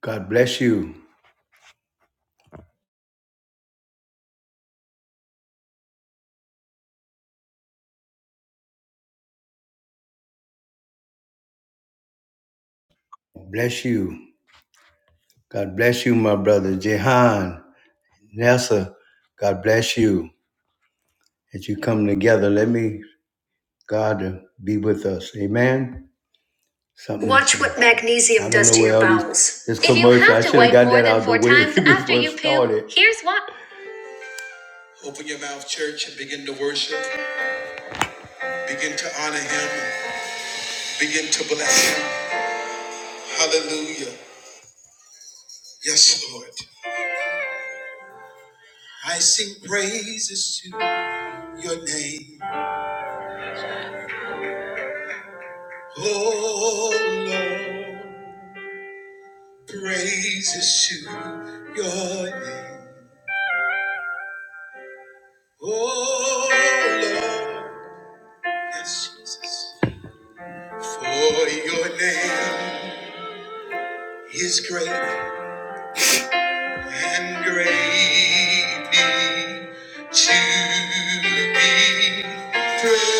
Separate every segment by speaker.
Speaker 1: God bless you. Bless you. God bless you, my brother. Jehan, Nessa, God bless you. As you come together, let me, God, uh, be with us. Amen. Something Watch what magnesium I don't does know to where your all these- bowels. This if you commercial, have I to should have got that out of the way times before after it you poo, started. here's what. Open your mouth, church, and begin to worship. Begin to honor him. Begin to bless him. Hallelujah. Yes, Lord. I sing praises to you. your name. Oh Lord, praises to your name. Oh Lord, yes, Jesus. For your name is great and greatly to be praised.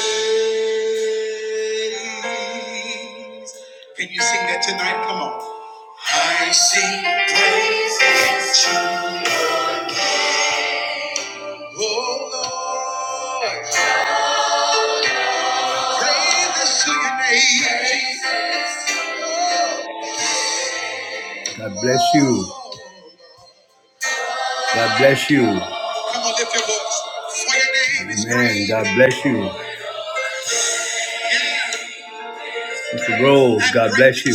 Speaker 1: Can you sing that tonight? Come on. I sing praises to your name. Oh God bless you. God bless you. Come on, lift your voice. For your name is Man, God bless you. Mr. Rose, God bless you.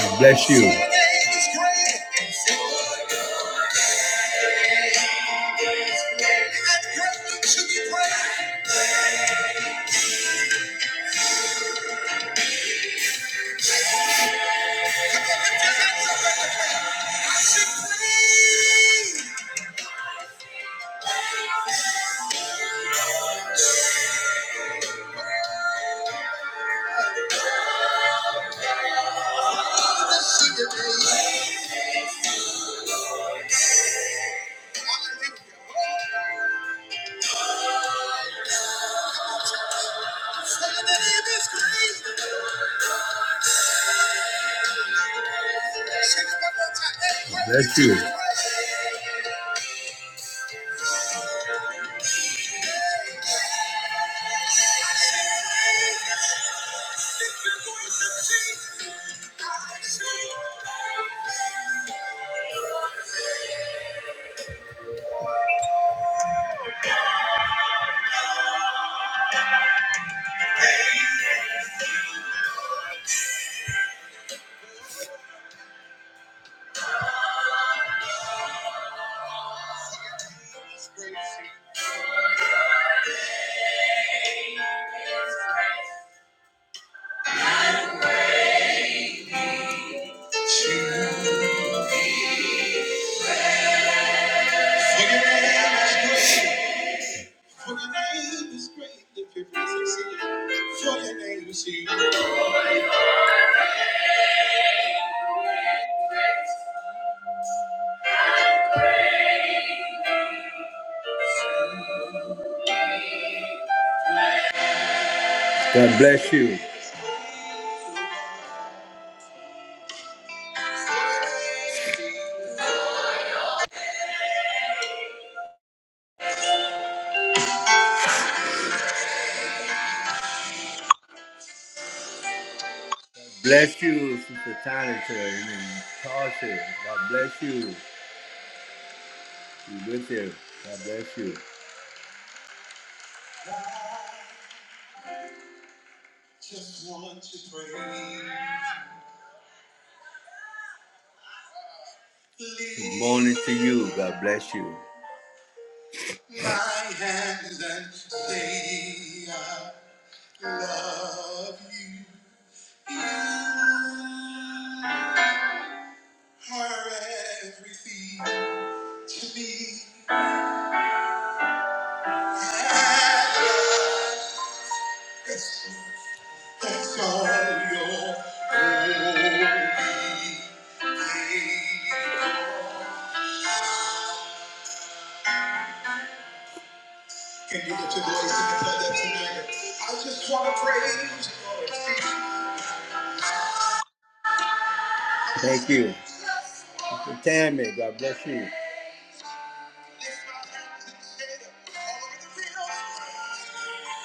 Speaker 1: God bless you. That's you. God bless you. Bless you, Sister Tanita and Tasha. God bless you. Be with you. God bless you. Just want to pray. Good morning to you. God bless you. My hands and say I love you. are everything to me. That's, that's all your holy name. Can you lift your voice and declare that tonight? I just want to praise you, Lord. Thank you. Sister Tammy, God bless you. Lift my hands and say, all the things.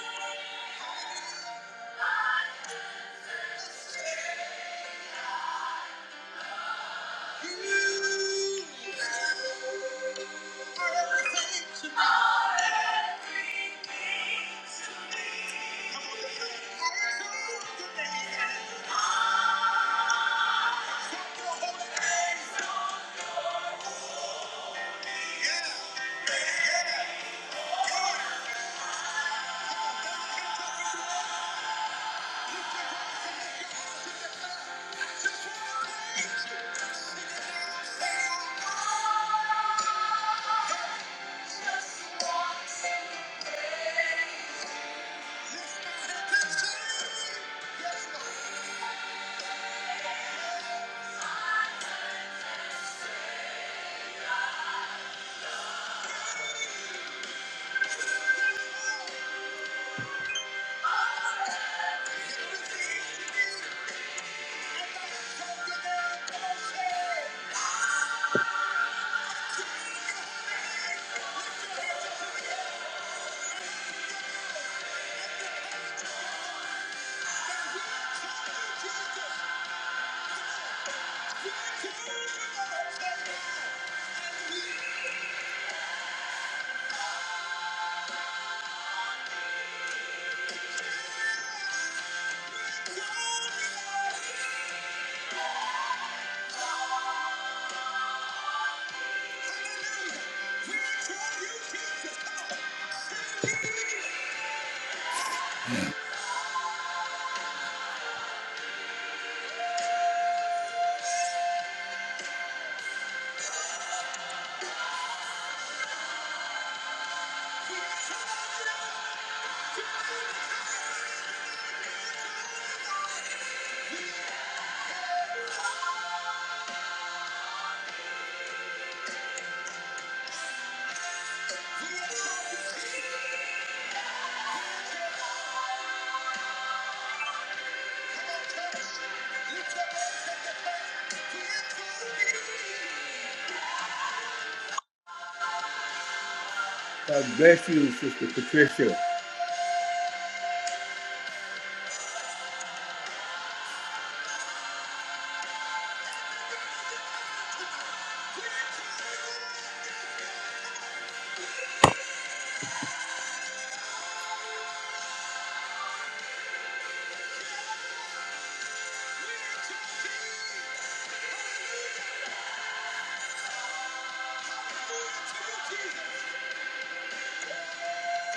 Speaker 1: God bless you, Sister Patricia.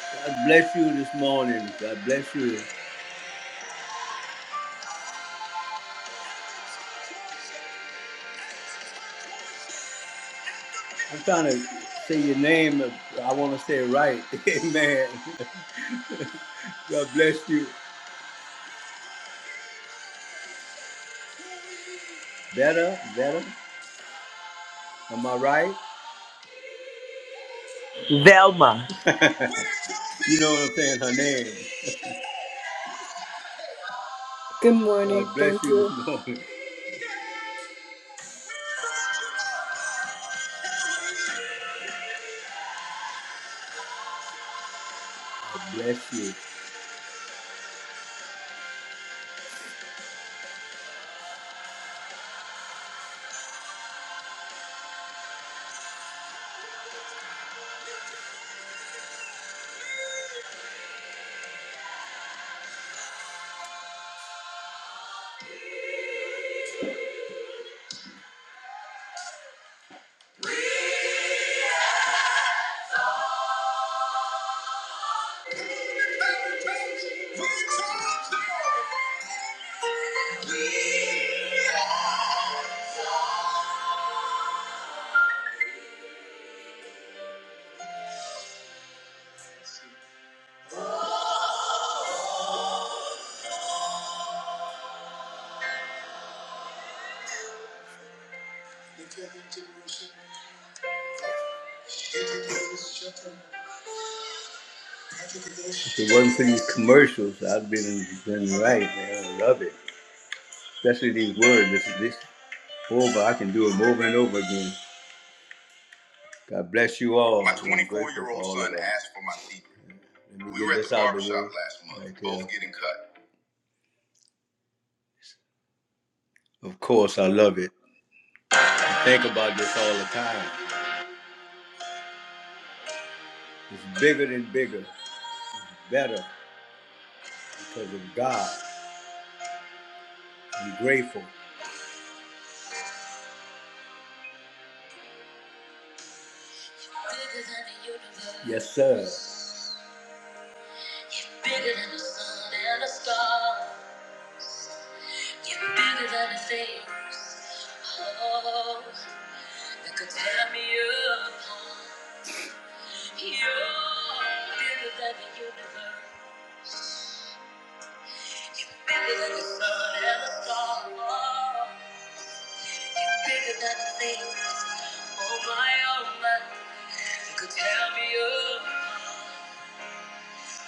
Speaker 1: God bless you this morning. God bless you. I'm trying to say your name. I want to say it right. Amen. God bless you. Better, better. Am I right?
Speaker 2: Velma
Speaker 1: You know what I'm saying? Her name.
Speaker 3: Good
Speaker 1: God
Speaker 3: morning.
Speaker 1: bless
Speaker 3: Thank
Speaker 1: you this
Speaker 3: you.
Speaker 1: morning. God bless you. If it wasn't for these commercials, I'd been been right, man. I love it, especially these words. This this over. I can do it over and over again. God bless you all. My 24 year old son of that. asked for my secret. Let me We get were at this the out of the barbershop way. last month, Right both there. getting cut. Of course, I love it. I think about this all the time. It's bigger than bigger, better because of God. I'm grateful. Bigger than the universe. Yes, sir. Bigger than the sun and the stars. You're bigger than the things, oh, that could tear me apart. You're bigger than the universe. You're bigger than the sun and the stars. Bigger than the things, oh my, oh my, that could tear me apart.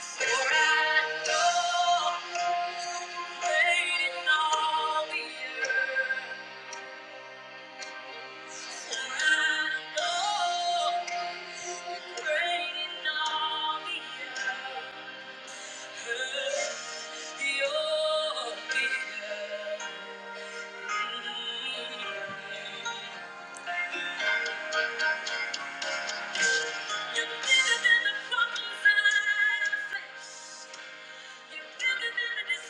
Speaker 1: For I know you're waiting all the earth. You're bigger than the problems that I face. bigger than the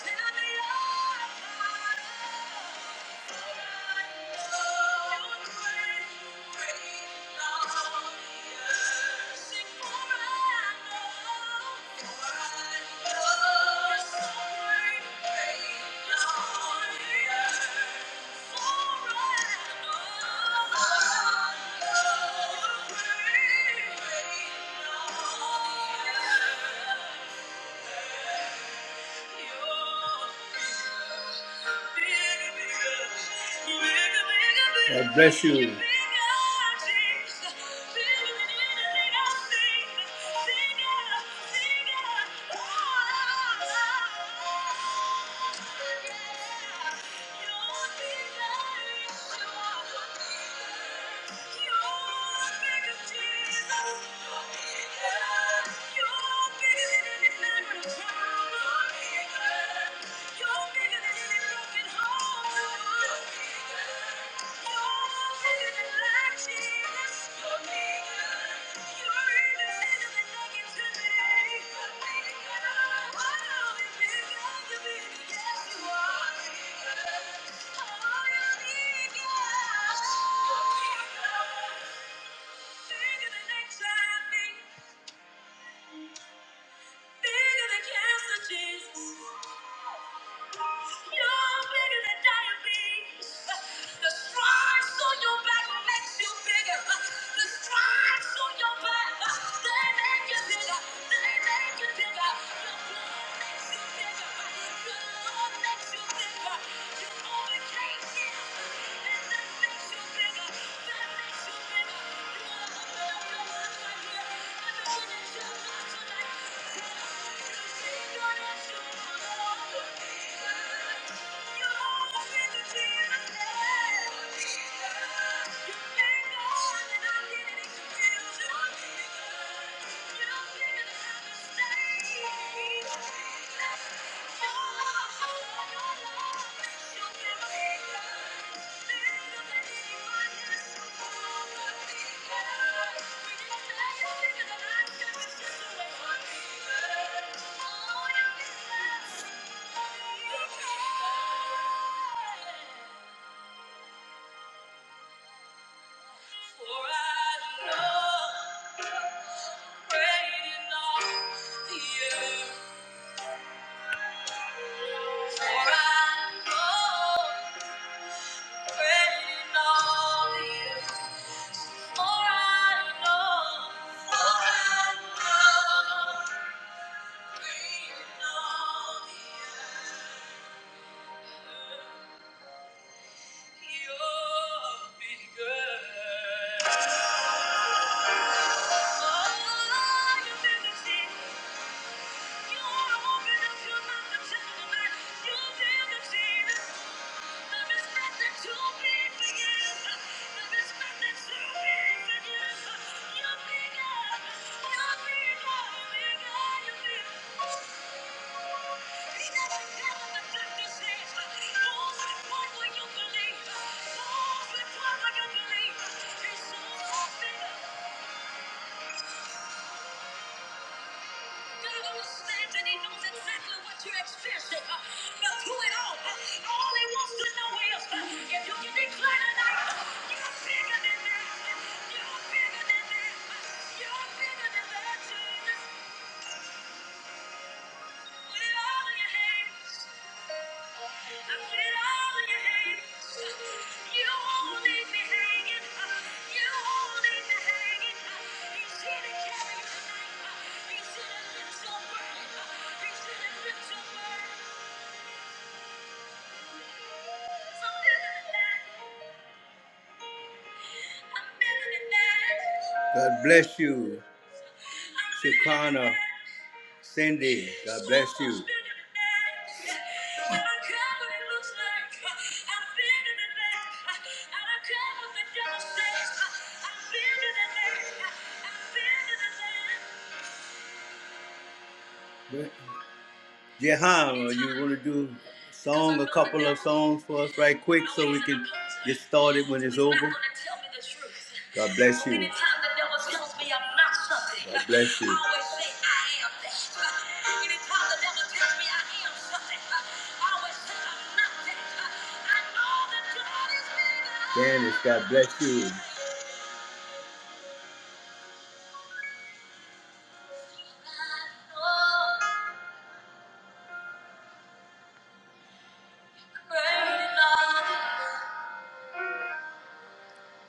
Speaker 1: Thank you. Thank you. God bless you. Bigger than cancer, Jesus. You're bigger than diabetes. The stripes on your back makes you bigger. The stripes on your back, they make you bigger. They make you bigger. Your blood makes you bigger. Your love makes you bigger. You overcame sin, and that makes you bigger. That makes you bigger. Thank you. For I know great in the earth. You're Thank you. God understands and He knows exactly what you're experiencing. Uh, but through it all, uh, all He wants to know is uh, if you can declare tonight, uh, you're bigger than that. You're bigger than that. You're bigger than that. Jesus God bless you, Shekinah. Cindy, God bless you. Jehan, are you want to do song, a couple of songs for us right quick so we can get started when it's over? God bless you. God bless you. Janice, God bless you.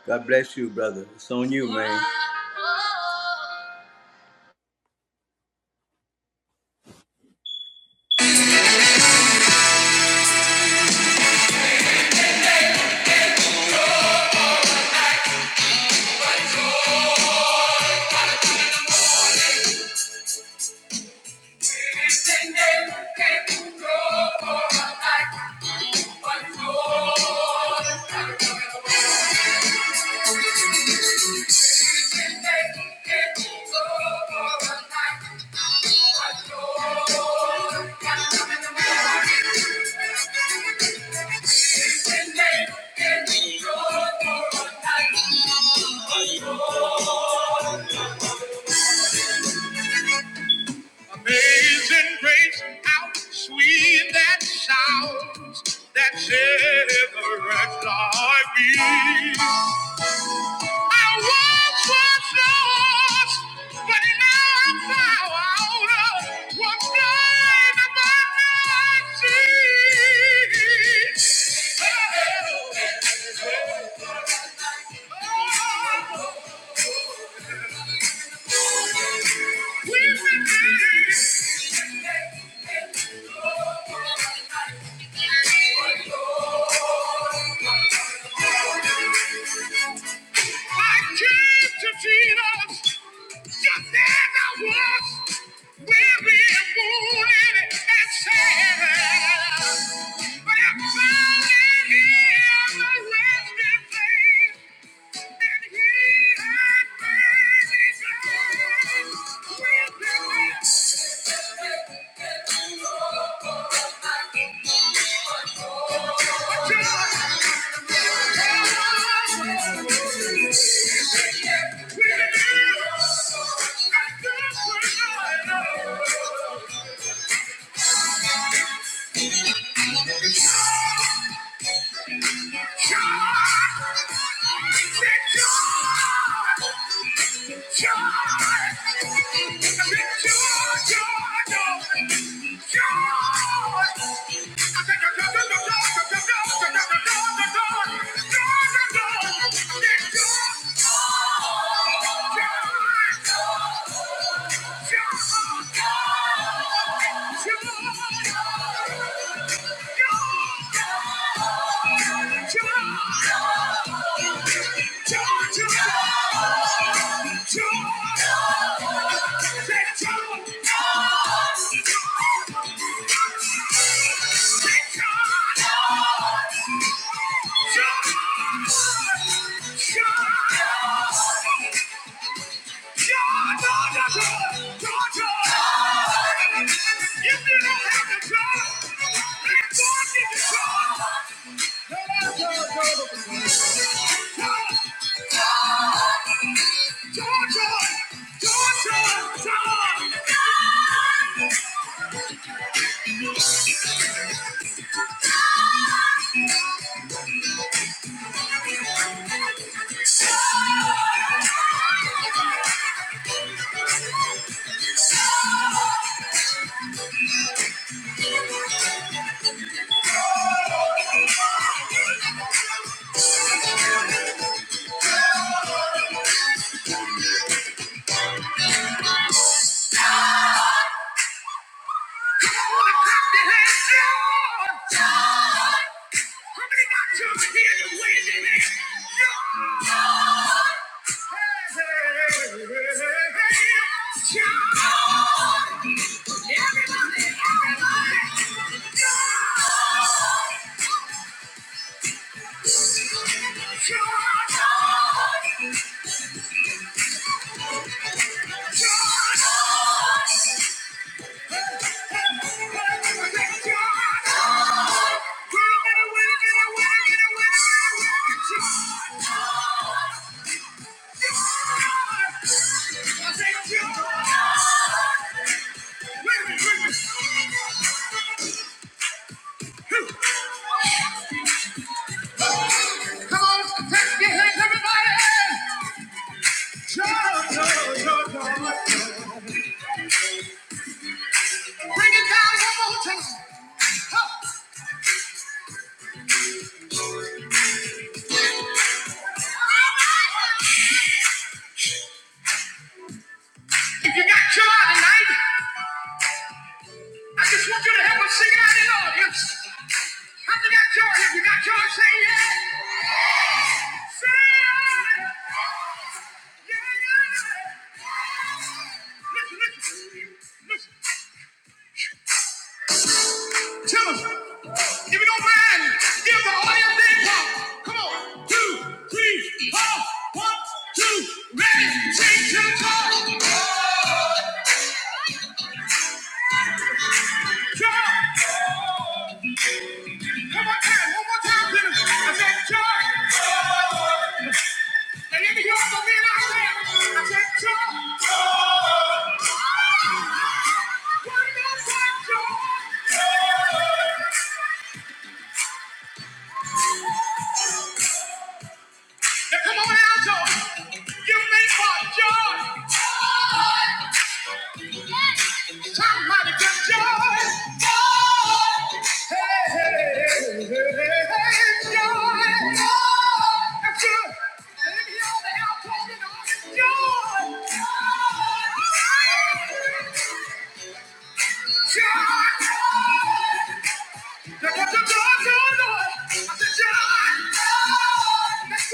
Speaker 1: God bless you, brother. It's on you, man.
Speaker 4: Thank you. Amazing grace, how sweet that sounds, that savor like me. I once was lost, but now I'm found. Was blind, but now I see. Oh, oh, oh, we've been made. I came to Jesus just as I was, weary and wounded and sad. But I found in Him a resting place, and He has made me glad with the rest. But you God. Joy! Georgia! Georgia! Georgia! Wait a minute, wait a minute. Joy, joy, joy, joy. If you got joy tonight, I just want you to help us sing it out in the audience. How you got joy? If you got joy, say yeah. Say yeah. Yeah, yeah. Listen, listen, listen. Tell us. If you don't mind, give the audience their pop. Come on. Two, three, four. One, two, ready. Sing to the top. Joy. One more time, one more time, Peter. I said, joy. And in the yard for me and I said, I said, joy. One more time, joy. Now come on out, joy. Give me my joy. Somebody get joy. Hey, hey, hey, hey, hey, joy. That's good. Joy. Joy. That's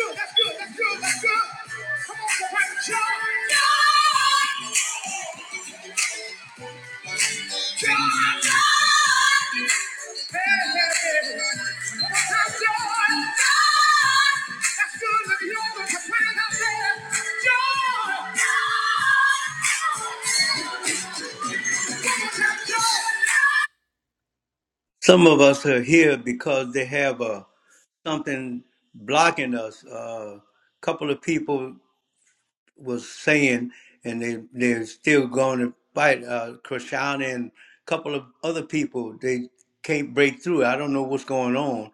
Speaker 4: Hey, hey, hey.
Speaker 1: Some of us are here because they have a something blocking us. A couple of people was saying, and they they're still going to fight. Uh, Krishan and a couple of other people they can't break through. I don't know what's going on,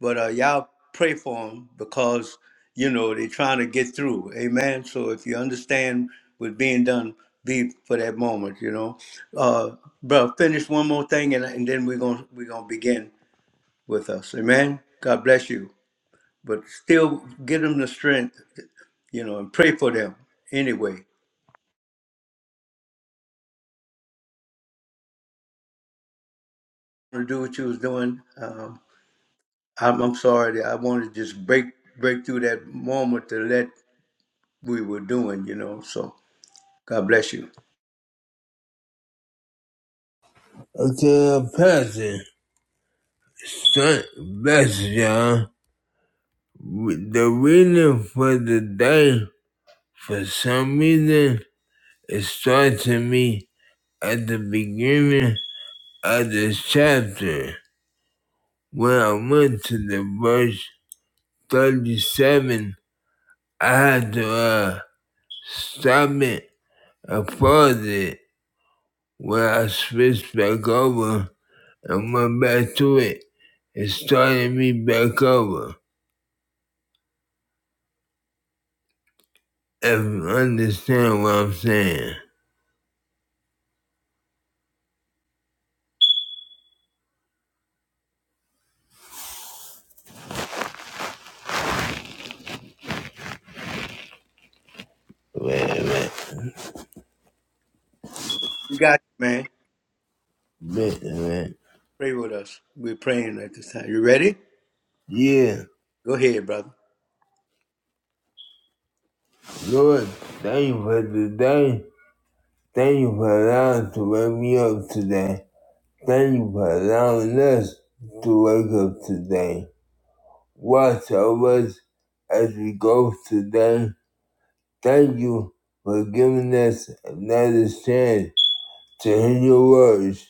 Speaker 1: but uh, y'all pray for them because you know they're trying to get through. Amen. So if you understand what's being done, be for that moment. You know, uh, bro. Finish one more thing, and, and then we're gonna we're gonna begin with us. Amen. God bless you. But still give them the strength, you know, and pray for them anyway. To do what you was doing. Um, I'm, I'm sorry that I wanted to just break break through that moment to let we were doing, you know. So God bless you.
Speaker 4: the the reading for the day, for some reason, it starts to me at the beginning of this chapter. When I went to the verse 37, I had to uh, stop it I paused it when I switched back over and went back to it. It started me back over. If you understand what I'm saying. Wait a minute.
Speaker 1: We got you, man.
Speaker 4: Wait a minute.
Speaker 1: Pray with us. We're praying at this time. You ready?
Speaker 4: Yeah,
Speaker 1: Go ahead, brother.
Speaker 4: Lord, thank you for today. Thank you for allowing to wake me up today. Thank you for allowing us to wake up today. Watch over us as we go today. Thank you for giving us another chance to hear your words.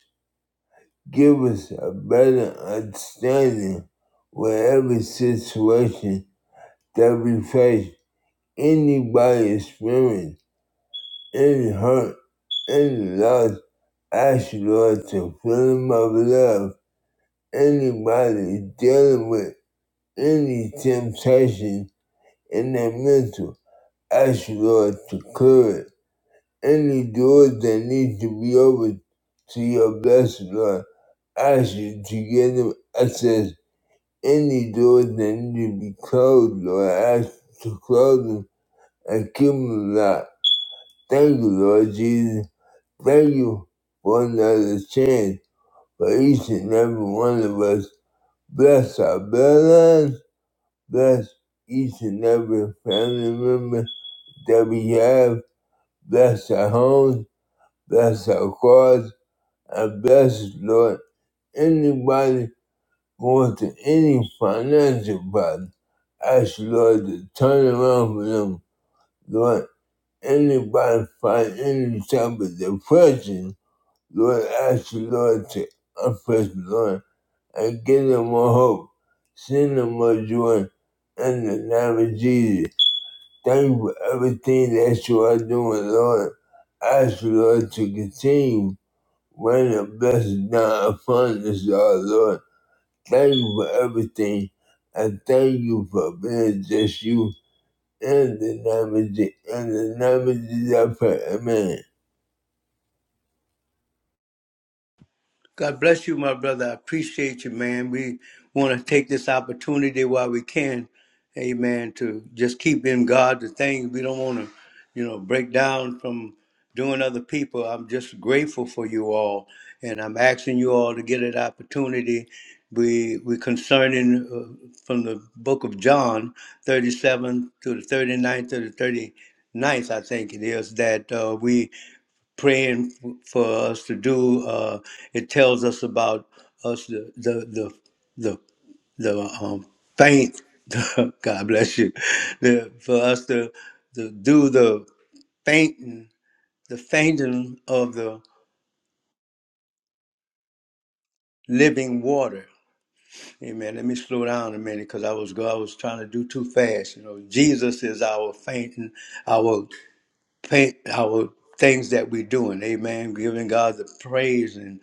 Speaker 4: Give us a better understanding wherever situation that we face. Anybody experiencing any hurt, any loss, ask you, Lord to fill them up with love. Anybody dealing with any temptation in their mental, ask you, Lord to clear it any doors that need to be opened to your blessed Lord. Ask you to give them access. Any doors that need to be closed, Lord, ask you to close them and keep them locked. Thank you, Lord Jesus. Thank you for another chance for each and every one of us. Bless our bloodlines. Bless each and every family member that we have. Bless our homes. Bless our cars Bless, Lord, anybody going to any financial problem, ask Lord to turn around for them. Lord, anybody find any type of depression, Lord, ask you, Lord to unpress Lord and give them more hope, send them more joy in the name of Jesus. Thank you for everything that you are doing, Lord. Ask you, Lord to continue. Rain a blessing down upon us, our Lord. Thank you for everything. And thank you for being just you. In the name of Jesus, in the name of Jesus, I pray. Amen.
Speaker 1: God bless you, my brother. I appreciate you, man. We want to take this opportunity while we can, amen, to just keep in God the things we don't want to, you know, break down from doing other people. I'm just grateful for you all, and I'm asking you all to get an opportunity. We we concerning uh, from the book of John, 37 to the thirty-ninth to the thirty-ninth, I think it is that uh, we praying for us to do. Uh, it tells us about us the the the the, the um, faint. God bless you. The, for us to, to do the fainting, the fainting of the living water. Amen. Let me slow down a minute because I was go- I was trying to do too fast. You know, Jesus is our fainting, our faint, our things that we're doing. Amen. Giving God the praise and.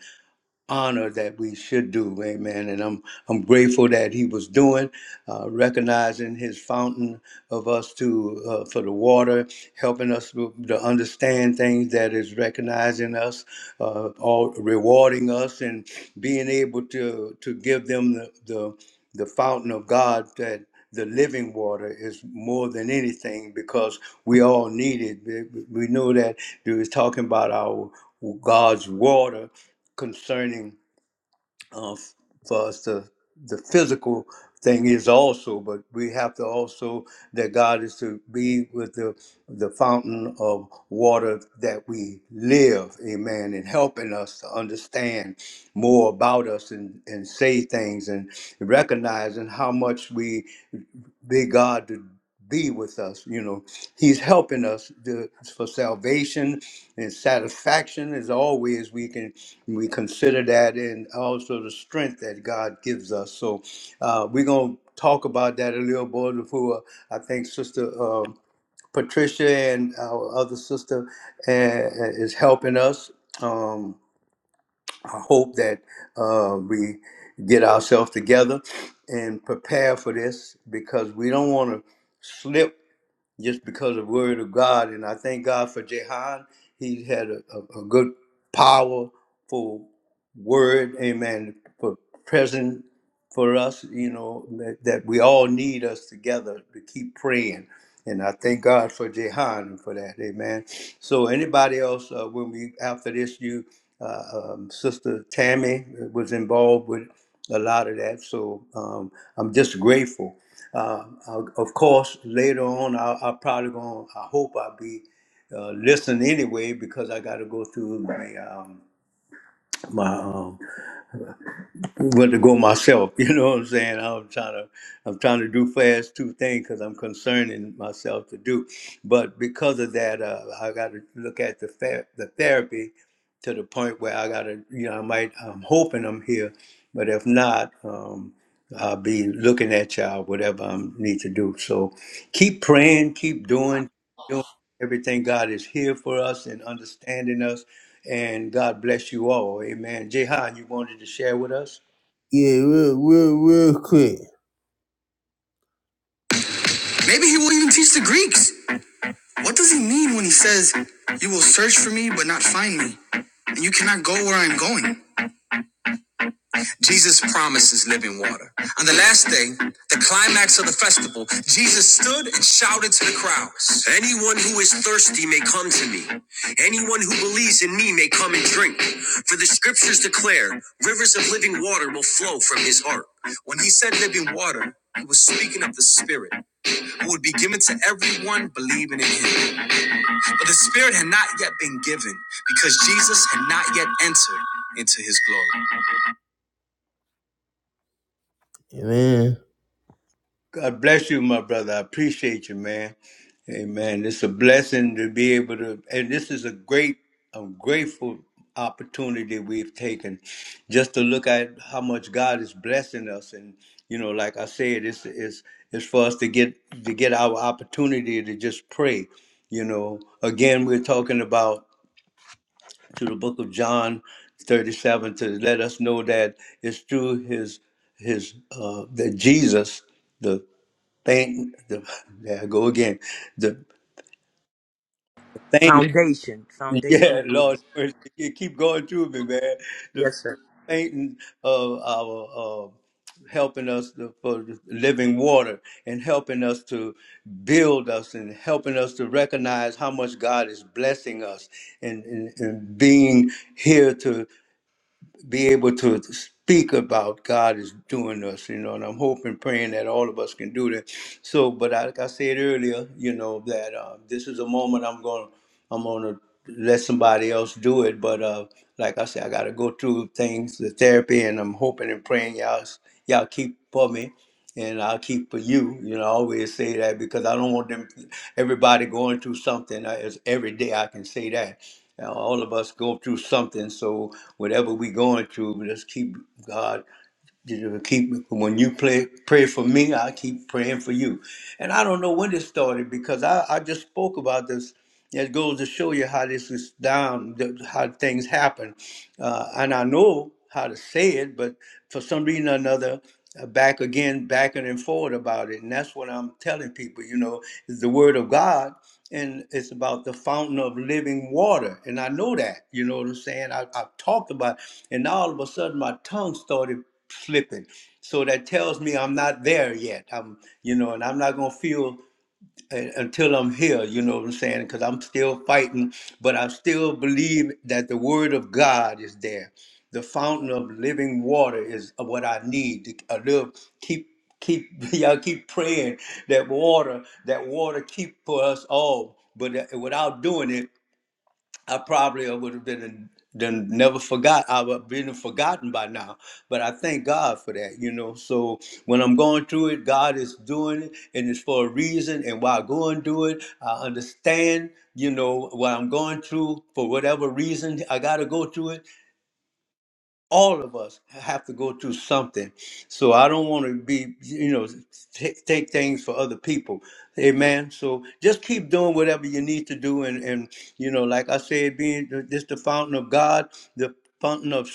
Speaker 1: honor that we should do. Amen. And I'm I'm grateful that he was doing, uh, recognizing his fountain of us to uh, for the water, helping us to, to understand things that is recognizing us, uh, all rewarding us, and being able to to give them the the, the fountain of God that. The living water is more than anything because we all need it. We we know that he was talking about our God's water, concerning uh, for us the the physical thing is also, but we have to also that God is to be with the the fountain of water that we live, amen, and helping us to understand more about us and, and say things and recognizing how much we bid God to be with us. You know, He's helping us to, for salvation and satisfaction is always we can we consider that and also the strength that god gives us so uh, we're going to talk about that a little more before i think sister um, patricia and our other sister uh, is helping us um, i hope that uh, we get ourselves together and prepare for this because we don't want to slip just because of the word of God. And I thank God for Jehan. He had a, a, a good, powerful word, amen, for present for us, you know, that, that we all need us together to keep praying. And I thank God for Jehan for that, amen. So anybody else, uh, when we, after this, you, uh, um, Sister Tammy was involved with a lot of that. So um, I'm just grateful. Uh, i of course, later on, I, I probably going to I hope I'll be uh, listening anyway because I got to go through my um, my uh, but to go myself. You know what I'm saying? I'm trying to I'm trying to do fast two things because I'm concerning myself to do. But because of that, uh, I got to look at the ther- the therapy to the point where I got to you know I might I'm hoping I'm here, but if not, um, I'll be looking at y'all whatever I need to do. So keep praying, keep doing, doing everything. God is here for us and understanding us. And God bless you all. Amen. Jehan, you wanted to share with us?
Speaker 4: Yeah, real, real, real quick. Maybe he won't even teach the Greeks. What does he mean when he says, You will search for me but not find me, and you cannot go where I am going? Jesus promises living water. On the last day, the climax of the festival, Jesus stood and shouted to the crowds Anyone who is thirsty may come to me. Anyone who believes in me may come and drink. For the scriptures declare rivers of living water will flow from his heart. When he said living water, he was speaking of the Spirit who would be given to everyone believing in him. But the Spirit had not yet been given because Jesus had not yet entered into his glory. Amen.
Speaker 1: God bless you, my brother. I appreciate you, man. Amen. It's a blessing to be able to, and this is a great, I'm grateful opportunity we've taken just to look at how much God is blessing us. And, you know, like I said, it's, it's, it's for us to get, to get our opportunity to just pray. You know, again, we're talking about to the book of John 37 to let us know that it's through his his uh that Jesus the thing the there I go again the thing
Speaker 2: Foundation, Foundation
Speaker 1: yeah
Speaker 2: of
Speaker 1: Lord
Speaker 2: Leaders.
Speaker 1: mercy, you keep going through me man the
Speaker 2: Yes, sir.
Speaker 1: fainting of our uh, helping us to, for the living water and helping us to build us and helping us to recognize how much God is blessing us and, and, and being here to be able to speak about God is doing us, you know, and I'm hoping, praying that all of us can do that. So, but I, like I said earlier, you know, that uh, this is a moment I'm going, to I'm going to let somebody else do it. But uh, like I said, I got to go through things, the therapy, and I'm hoping and praying y'all, y'all keep for me and I'll keep for you. You know, I always say that because I don't want them, everybody going through something. I- It's every day I can say that. Uh, all of us go through something. So whatever we going through, let's keep God. You know, keep when you pray pray for me, I keep praying for you. And I don't know when this started because I, I just spoke about this. It goes to show you how this is down, th- how things happen. Uh, and I know how to say it, but for some reason or another, uh, back again, backing and forward about it. And that's what I'm telling people, you know, is the word of God and it's about the fountain of living water. And I know that, you know what I'm saying? I, I've talked about it, and now all of a sudden my tongue started slipping. So that tells me I'm not there yet. I'm, you know, and I'm not gonna feel and, until I'm here, you know what I'm saying? Because I'm still fighting, but I still believe that the Word of God is there. The fountain of living water is what I need to I live. Keep, keep, y'all keep praying that water, that water keep for us all. But uh, without doing it, I probably would have been done never forgot. I would have been forgotten by now. But I thank God for that, you know. So when I'm going through it, God is doing it and it's for a reason. And while I go and do it, I understand, you know, what I'm going through for whatever reason I gotta go through it all of us have to go through something. So I don't want to be, you know, t- take things for other people. Amen. So just keep doing whatever you need to do. And, and you know, like I said, being th- this the fountain of God, the fountain of,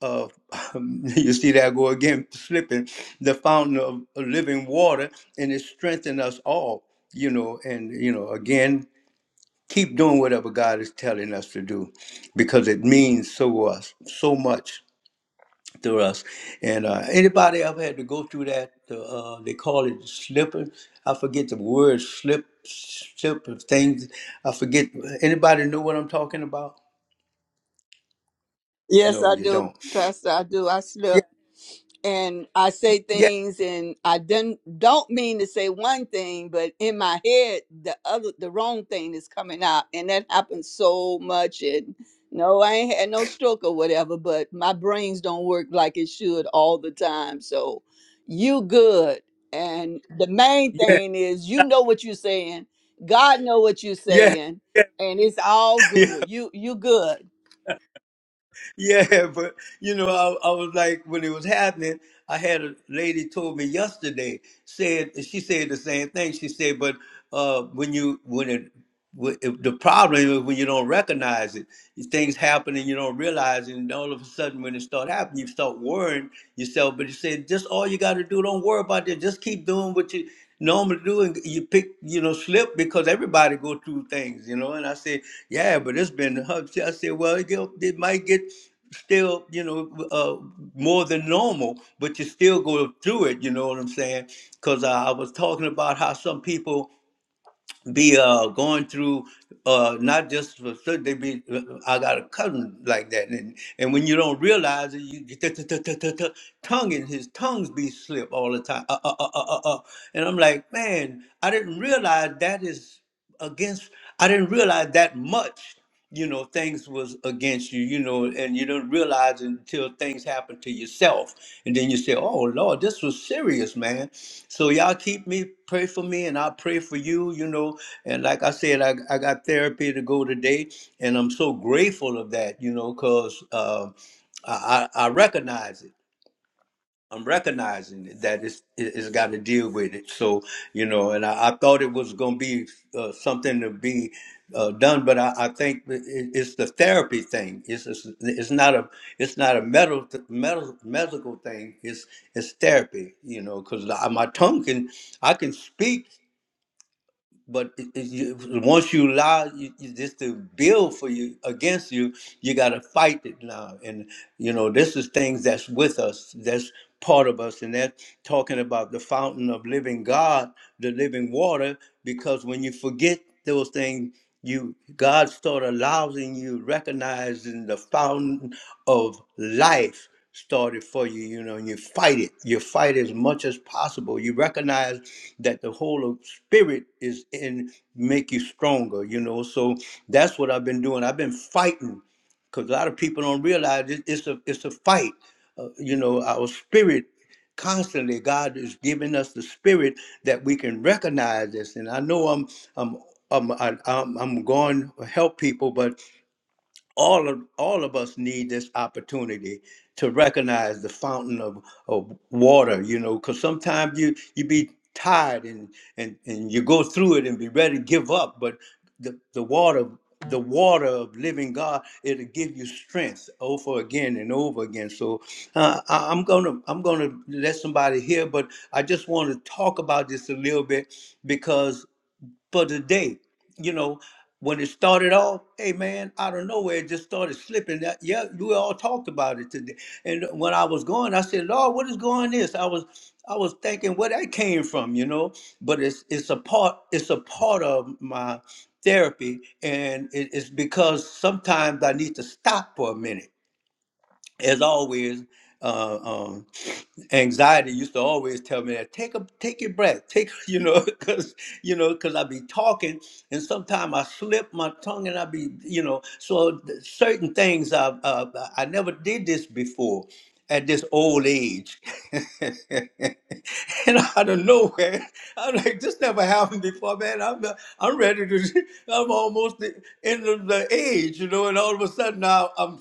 Speaker 1: of you see that I go again, slipping, the fountain of living water, and it strengthened us all, you know, and, you know, again, keep doing whatever God is telling us to do because it means so us so much through us. And uh, anybody ever had to go through that? The, uh, they call it slipping. I forget the word slip, slip of things. I forget. Anybody know what I'm talking about?
Speaker 5: Yes,
Speaker 1: No,
Speaker 5: I
Speaker 1: you
Speaker 5: do,
Speaker 1: don't.
Speaker 5: Pastor. I do. I
Speaker 1: Yeah,
Speaker 5: slip and I say
Speaker 1: yeah,
Speaker 5: things, and I didn't don't mean to say one thing, but in my head, the other, the wrong thing is coming out, and that happens so much. And no, I ain't had no stroke or whatever, but my brains don't work like it should all the time. So, you good. And the main thing is, you know what you're saying. God know what you're
Speaker 1: yeah,
Speaker 5: saying, and it's all
Speaker 1: yeah.
Speaker 5: good. You you good.
Speaker 1: yeah, but you know, I, I was like, when it was happening, I had a lady told me yesterday said she said the same thing. She said, but uh, when you when it when- if the problem is when you don't recognize it, things happen and you don't realize, it, and all of a sudden when it start happening, you start worrying yourself. But she said, just all you got to do, don't worry about it. Just keep doing what you normally do and you pick you know slip because everybody go through things you know and i said yeah but it's been hard." i said well it, get, it might get still you know uh, more than normal but you still go through it you know what i'm saying because i was talking about how some people be uh going through uh not just for so they be uh, I got a cousin like that and and when you don't realize it you get t- t- t- t- t- tongue and his tongues be slip all the time uh, uh, uh, uh, uh, uh. and I'm like man I didn't realize that is against I didn't realize that much you know things was against you you know and you don't realize it until things happen to yourself and then you say oh lord this was serious man so y'all keep me pray for me and i'll pray for you you know and like i said i, I got therapy to go today and i'm so grateful of that you know because uh, I, I I recognize it I'm recognizing that it's, it- has got to deal with it. So, you know, and I, I thought it was going to be uh, something to be uh, done, but I, I think it- it's the therapy thing. It's, it's it's not a it's not a medical medical medical thing. It's it's therapy, you know, because my tongue can I can speak but it, it, you, once you allow you, you just to build for you against you, you got to fight it now. And you know, this is things that's with us, that's part of us, and that's talking about the fountain of living God, the living water. Because when you forget those things, you God start allowing you recognizing the fountain of life started for you, you know, and you fight it. You fight as much as possible. You recognize that the whole of spirit is in make you stronger, you know. So that's what I've been doing. I've been fighting because a lot of people don't realize it, it's a it's a fight. Uh, you know, our spirit constantly God is giving us the spirit that we can recognize this. And I know I'm I'm I'm I, I'm, I'm going to help people, but all of all of us need this opportunity to recognize the fountain of, of water you know because sometimes you you be tired and and and you go through it and be ready to give up but the the water the water of living god it'll give you strength over again and over again so uh, I, i'm gonna i'm gonna let somebody hear but i just want to talk about this a little bit because for the day. You know, when it started off, hey man, out of nowhere, it just started slipping. That- Yeah, we all talked about it today. And when I was going, I said, Lord, what is going this? I was I was thinking where that came from, you know. But it's it's a part it's a part of my therapy and it- it's because sometimes I need to stop for a minute as always, uh, um, anxiety used to always tell me that take a take your breath, take you know, because you know, because I be talking and sometimes I slip my tongue and I be you know, so th- certain things I, uh, I I never did this before, at this old age. and out of nowhere, I'm like, this never happened before, man. I'm I'm ready to, I'm almost the end of the age, you know, and all of a sudden now I'm,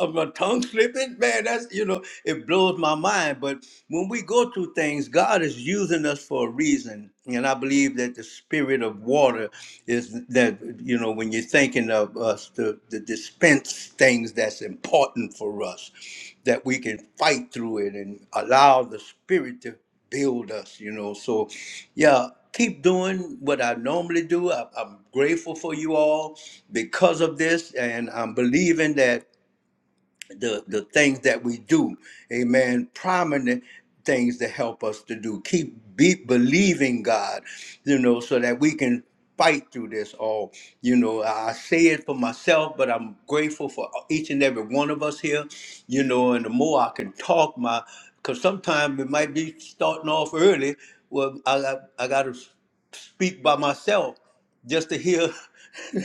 Speaker 1: I'm my tongue slipping. Man, that's, you know, it blows my mind. But when we go through things, God is using us for a reason and I believe that the spirit of water is that, you know, when you're thinking of us, the, the dispense things that's important for us, that we can fight through it and allow the spirit to build us, you know. So, yeah, keep doing what I normally do. I, I'm grateful for you all because of this. And I'm believing that the the things that we do amen prominent things to help us to do keep be, believing god you know so that we can fight through this all you know i say it for myself but i'm grateful for each and every one of us here you know and the more i can talk my because sometimes it might be starting off early well i, I, I got to speak by myself just to hear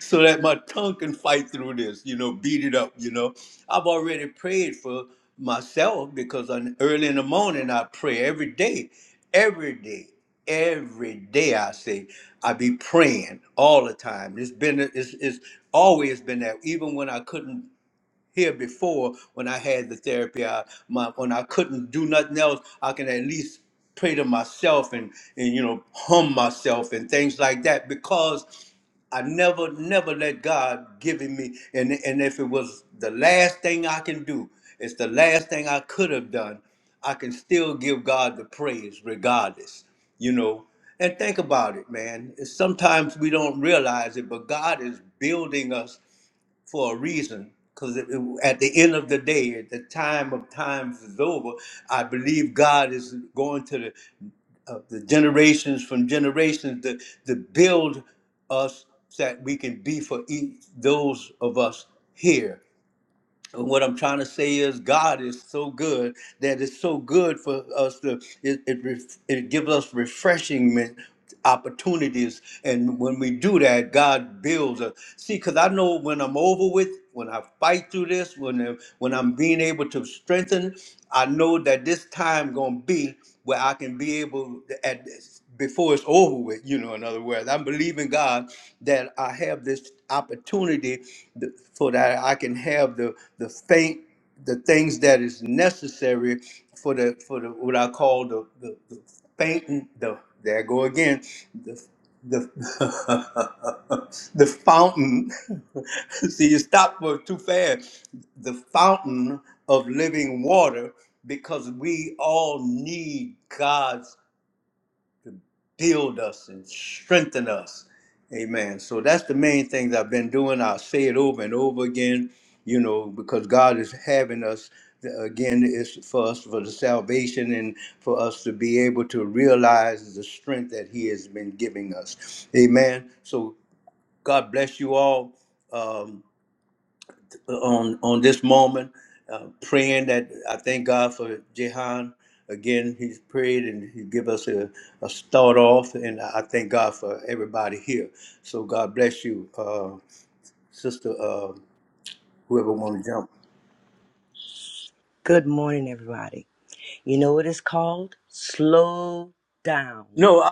Speaker 1: so that my tongue can fight through this, you know, beat it up, you know. I've already prayed for myself because on, early in the morning I pray every day, every day, every day I say, I be praying all the time. It's been, it's, it's always been that, even when I couldn't here before when I had the therapy. I, my, when I couldn't do nothing else, I can at least pray to myself and, and you know hum myself and things like that because I never never let God give it me and and if it was the last thing I can do, it's the last thing I could have done. I can still give God the praise regardless, you know. And think about it, man. Sometimes we don't realize it, but God is building us for a reason. Because at the end of the day, at the time of times is over, I believe God is going to the, uh, the generations from generations to, to build us that we can be for each, those of us here. And what I'm trying to say is God is so good that it's so good for us to it it, ref- it gives us refreshing opportunities and when we do that God builds us. See cuz I know when I'm over with when I fight through this when uh, when I'm being able to strengthen I know that this time going to be where I can be able to, at this before it's over with, you know, in other words. I'm believing God that I have this opportunity th- so that I can have the the faint the things that is necessary for the for the what I call the the, the fainting the there I go again the the the fountain see you stop for too fast the fountain of living water because we all need God's build us and strengthen us. Amen. So that's the main things I've been doing. I'll say it over and over again, you know, because God is having us uh, again it's for us for the salvation and for us to be able to realize the strength that he has been giving us amen so god bless you all um, on on this moment, uh, praying that I thank God for Jehan. Again, he's prayed and he give us a, a start off, and I thank God for everybody here. So God bless you, uh, sister. Uh, whoever want to jump.
Speaker 2: Good morning, everybody. You know what it's called? Slow down.
Speaker 1: No, I,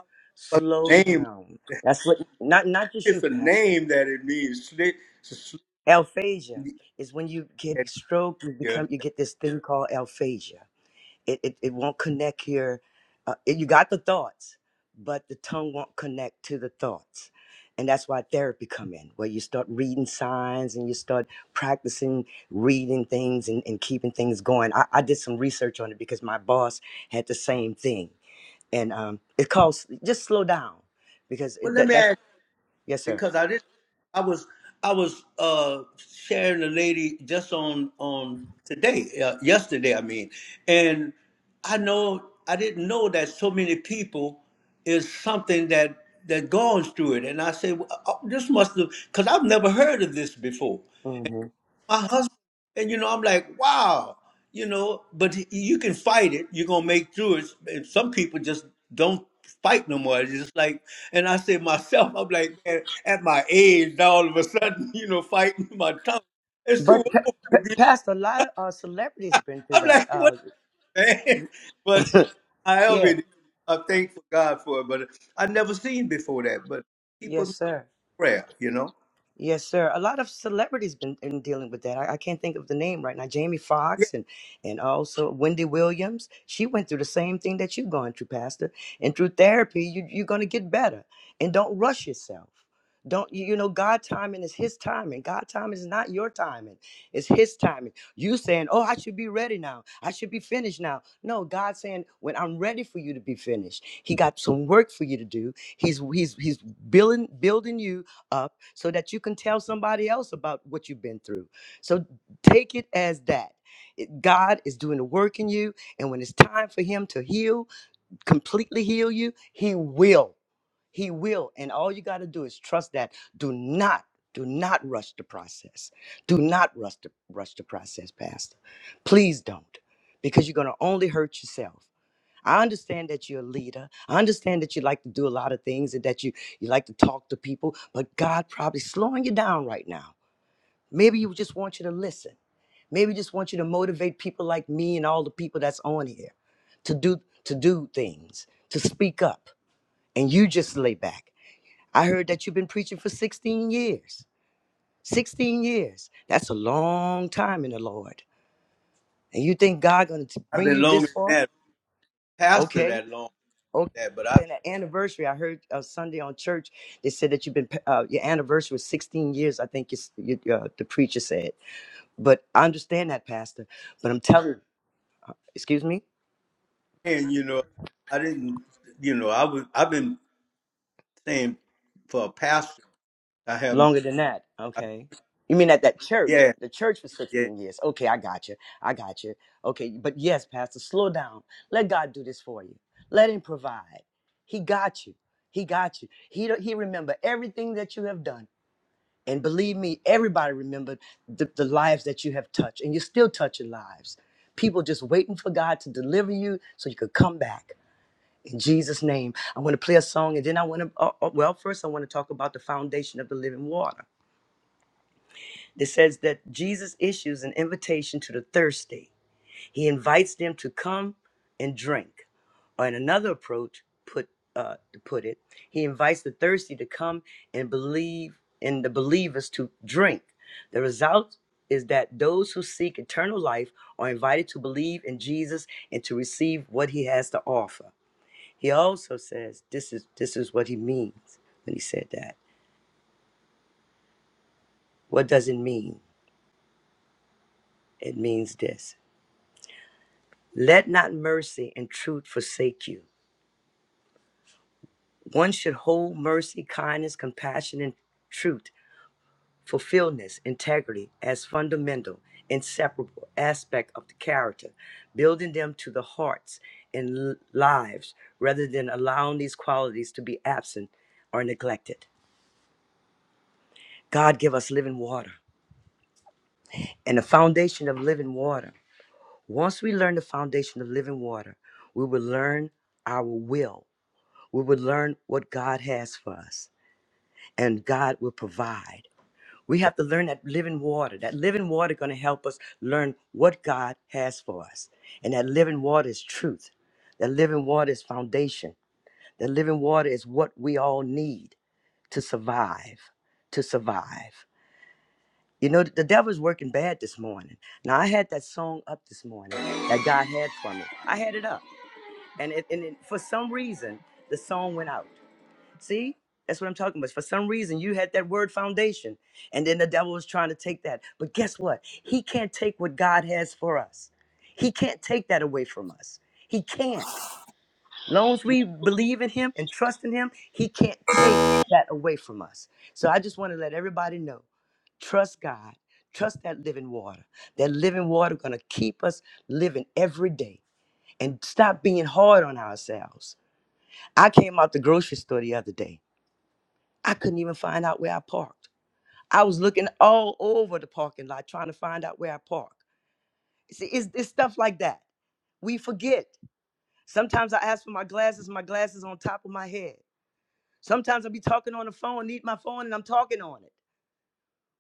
Speaker 1: but
Speaker 2: Slow
Speaker 1: the name.
Speaker 2: down. That's what not not just you,
Speaker 1: It's a
Speaker 2: Pastor.
Speaker 1: name that it means. Slick. slick
Speaker 2: Alphasia is when you get stroke, you
Speaker 1: yeah.
Speaker 2: become you get this thing called alphasia. it it, it won't connect here uh, it- you got the thoughts but the tongue won't connect to the thoughts and that's why therapy come in where you start reading signs and you start practicing reading things and, and keeping things going I, I did some research on it because my boss had the same thing and um, it calls just slow down because
Speaker 1: Well,
Speaker 2: it,
Speaker 1: let
Speaker 2: that,
Speaker 1: me
Speaker 2: that's
Speaker 1: ask.
Speaker 2: yes sir
Speaker 1: because I didn't. I was I was uh, sharing a lady just on on today, uh, yesterday, I mean, and I know I didn't know that so many people is something that that goes through it, and I said well, uh, uh, this must have because I've never heard of this before,
Speaker 2: hmm
Speaker 1: my husband. And you know, I'm like, wow, you know, but y- you can fight it. You're gonna make through it. And some people just don't fight no more. It's just like, and I say myself, I'm like, man, at my age, now all of a sudden, you know, fighting my tongue. It's too
Speaker 2: but pa-
Speaker 1: old. to be-
Speaker 2: pastor a lot of uh, celebrities been through
Speaker 1: I'm
Speaker 2: that
Speaker 1: like, what,
Speaker 2: uh,
Speaker 1: man? But however,
Speaker 2: yeah
Speaker 1: it is, I thank for God for it. But I never seen before that. But keep
Speaker 2: yes
Speaker 1: in
Speaker 2: sir
Speaker 1: prayer, you know.
Speaker 2: Yes, sir. A lot of celebrities been in dealing with that. I, I can't think of the name right now. Jamie
Speaker 1: Yeah,
Speaker 2: Foxx and and also Wendy Williams. She went through the same thing that you've gone through, Pastor. And through therapy, you, you're going to get better. And don't rush yourself. Don't you, you know God timing is His timing. God timing is not your timing. It's His timing. You saying, "Oh, I should be ready now. I should be finished now." No, God saying, "When I'm ready for you to be finished, He got some work for you to do. He's He's He's building building you up." so that you can tell somebody else about what you've been through. So take it as that. It- God is doing the work in you. And when it's time for Him to heal, completely heal you, He will. He will. And all you got to do is trust that. Do not. Do not rush the process. Do not rush the, rush the process, Pastor. Please don't, because you're going to only hurt yourself. I understand that you're a leader. I understand that you like to do a lot of things and that you you like to talk to people, but God probably slowing you down right now. Maybe you just want you to listen. Maybe just want you to motivate people like me and all the people that's on here to do to do things, to speak up. And you just lay back. I heard that you've been preaching for 16 years. 16 years. That's a long time in the Lord. And you think God going to
Speaker 1: I've
Speaker 2: bring
Speaker 1: been
Speaker 2: you
Speaker 1: longer
Speaker 2: this far?
Speaker 1: than that, pastor
Speaker 2: Okay.
Speaker 1: that long,
Speaker 2: Okay.
Speaker 1: than that. but I
Speaker 2: Then an anniversary. I heard uh, Sunday on church. They said that you've been uh, your anniversary was 16 years. I think you, you, uh, the preacher said. But I understand that, Pastor. But I'm telling. you, Excuse me.
Speaker 1: saying, you know, I didn't, you know, I was, I've been saying for a pastor, I haven't.
Speaker 2: Longer than that. Okay. You mean at that church?
Speaker 1: Yeah,
Speaker 2: The church for
Speaker 1: yeah.
Speaker 2: 16 years. Okay, I got you. I got you. Okay, but yes, Pastor, slow down. Let God do this for you. Let Him provide. He got you. He got you. He he remember everything that you have done. And believe me, everybody remembered the, the lives that you have touched, and you're still touching lives. People just waiting for God to deliver you so you could come back. In Jesus' name, I want to play a song, and then I want to, uh, uh, well, first I want to talk about the foundation of the living water. It says that Jesus issues an invitation to the thirsty. He invites them to come and drink. Or in another approach, put uh, to put it, he invites the thirsty to come and believe in the believers to drink. The result is that those who seek eternal life are invited to believe in Jesus and to receive what he has to offer. He also says this is this is what he means when he said that. What does it mean? It means this. Let not mercy and truth forsake you. One should hold mercy, kindness, compassion, and truth, fulfillment, integrity as fundamental, inseparable aspect of the character, building them to the hearts and l- lives rather than allowing these qualities to be absent or neglected. God give us living water and the foundation of living water. Once we learn the foundation of living water, we will learn our will. We will learn what God has for us, and God will provide. We have to learn that living water. That living water going to help us learn what God has for us. And that living water is truth. That living water is foundation. That living water is what we all need to survive, to survive. You know, the devil's working bad this morning. Now, I had that song up this morning that God had for me. I had it up. And, it, and it, for some reason, the song went out. See, that's what I'm talking about. For some reason, you had that word foundation, and then the devil was trying to take that. But guess what? He can't take what God has for us. He can't take that away from us. He can't. Long as we believe in Him and trust in Him, He can't take that away from us. So I just want to let everybody know: trust God, trust that living water. That living water gonna keep us living every day. And stop being hard on ourselves. I came out the grocery store the other day I couldn't even find out where I parked. I was looking all over the parking lot trying to find out where I parked. See, it's, it's stuff like that. We forget. Sometimes I ask for my glasses, my glasses on top of my head. Sometimes I'll be talking on the phone, need my phone, and I'm talking on it.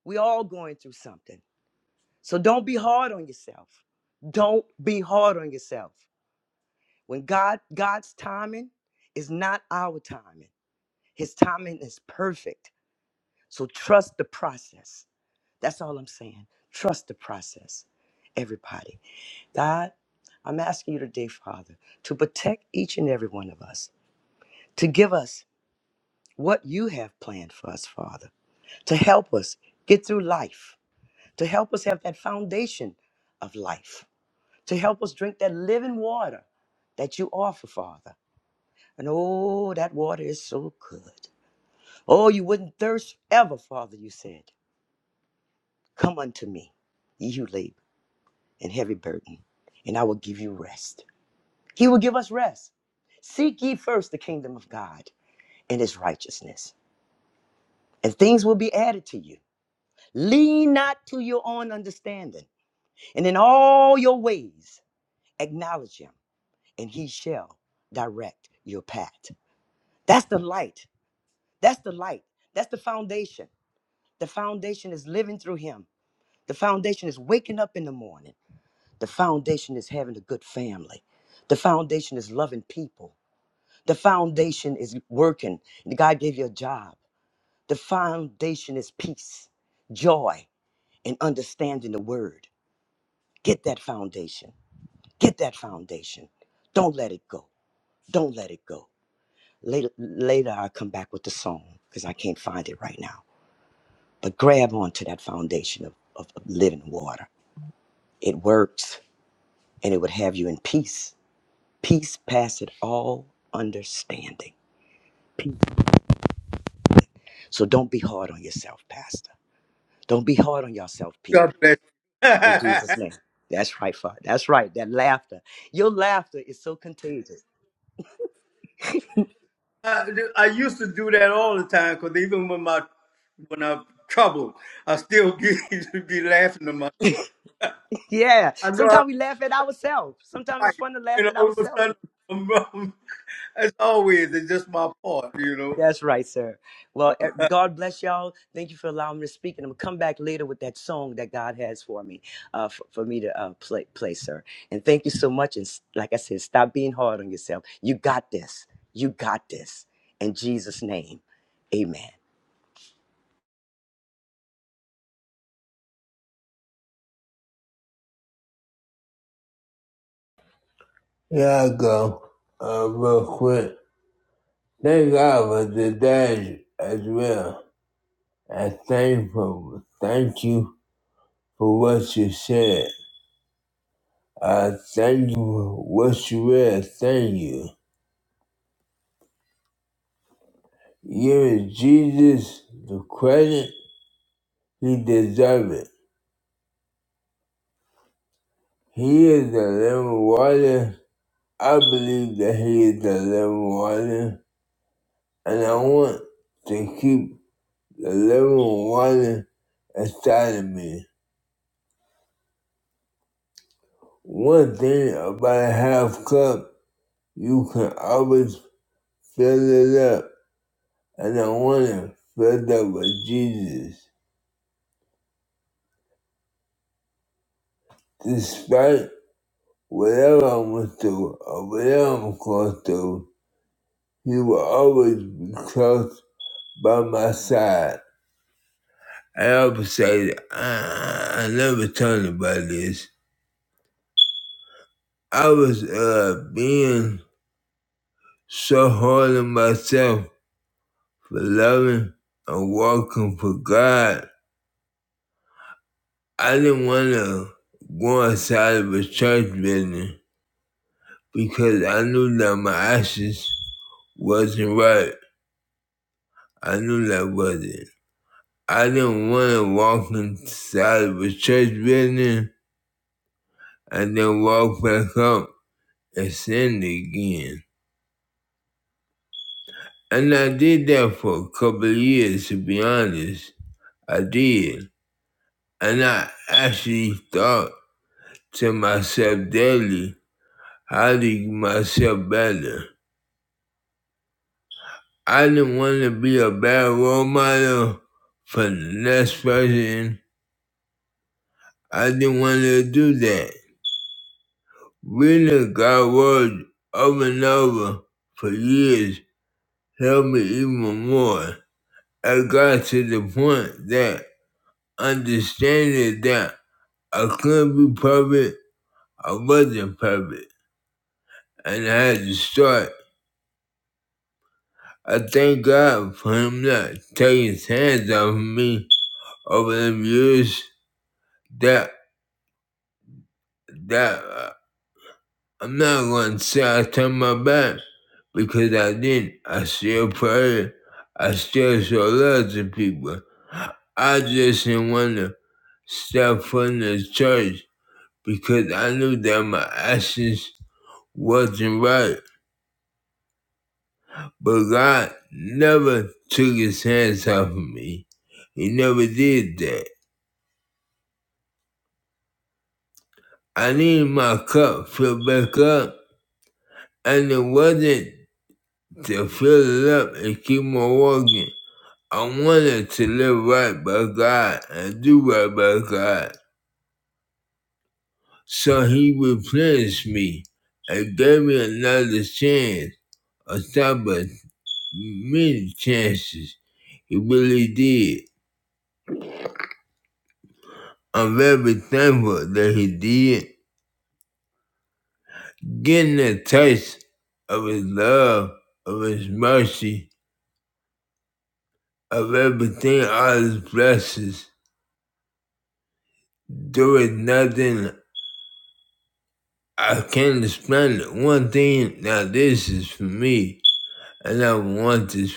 Speaker 2: We all going through something. So don't be hard on yourself. Don't be hard on yourself. When God, God's timing is not our timing. His timing is perfect. So trust the process. That's all I'm saying. Trust the process, everybody. God, I'm asking you today, Father, to protect each and every one of us, to give us what you have planned for us, Father, to help us get through life, to help us have that foundation of life, to help us drink that living water that you offer, Father. And oh, that water is so good. Oh, you wouldn't thirst ever, Father, you said. Come unto me, ye who labor and heavy burden, and I will give you rest. He will give us rest. Seek ye first the kingdom of God and his righteousness, and things will be added to you. Lean not to your own understanding, and in all your ways acknowledge him, and he shall direct your path. That's the light. That's the light. That's the foundation. The foundation is living through him. The foundation is waking up in the morning. The foundation is having a good family. The foundation is loving people. The foundation is working. God gave you a job. The foundation is peace, joy, and understanding the word. Get that foundation. Get that foundation. Don't let it go. Don't let it go. Later, later I'll come back with the song because I can't find it right now. But grab onto that foundation of, of, of living water. It works and it would have you in peace. Peace passeth all understanding. Peace. So don't be hard on yourself, Pastor Don't be hard on yourself,
Speaker 1: God
Speaker 2: people.
Speaker 1: bless. You.
Speaker 2: In Jesus' name. That's right, Father. That's right. That laughter. Your laughter is so contagious.
Speaker 1: I, I used to do that all the time because even when my when I'm troubled, I still get, be laughing to my.
Speaker 2: yeah.
Speaker 1: I know
Speaker 2: Sometimes we laugh at ourselves.
Speaker 1: I'm
Speaker 2: Sometimes
Speaker 1: right,
Speaker 2: it's fun to laugh
Speaker 1: and
Speaker 2: at
Speaker 1: all of a
Speaker 2: ourselves.
Speaker 1: sudden, I'm, wrong. as always, it's just my part, you know.
Speaker 2: That's right, sir. Well, eh, God bless y'all. Thank you for allowing me to speak. And I'm going to come back later with that song that God has for me, uh, for, for me to uh, play, play, sir. And thank you so much. And s- like I said, stop being hard on yourself. You got this. You got this. In Jesus' name, amen.
Speaker 4: Yeah, I go uh, real quick. Thank God for the dash as well. I thank for thank you for what you said. I thank you for what you read. Thank you. Give Jesus the credit he deserves it. He is the living water. I believe that he is the living water, and I want to keep the living water inside of me. One thing about a half cup, you can always fill it up, and I want to fill it up with Jesus. Despite whatever I went through or whatever I'm going through, He will always be close by my side. I always say, that, I, I never told about this. I was uh, being so hard on myself for loving and walking for God I didn't want to go outside of a church building because I knew that my actions wasn't right. I knew that wasn't. I didn't want to walk inside of a church building and then walk back up and sin again. And I did that for a couple of years, to be honest. I did. And I actually thought to myself daily, how to get myself better. I didn't want to be a bad role model for the next person. I didn't want to do that. Reading God's word over and over for years helped me even more. I got to the point that understanding that I couldn't be perfect, I wasn't perfect, and I had to start. I thank God for Him not taking His hands off of me over the years that that uh, I'm not gonna say I turned my back because I didn't. I still prayed. I still show love to people. I just didn't want to step from the church because I knew that my actions wasn't right. But God never took his hands off of me. He never did that. I needed my cup filled back up, and it wasn't to fill it up and keep on walking. I wanted to live right by God and do right by God. So he replenished me and gave me another chance on top of many chances. He really did. I'm very thankful that he did. Getting a taste of his love, of his mercy, of everything, all his blessings. There is nothing I can't explain it. One thing now this is for me. I don't want this.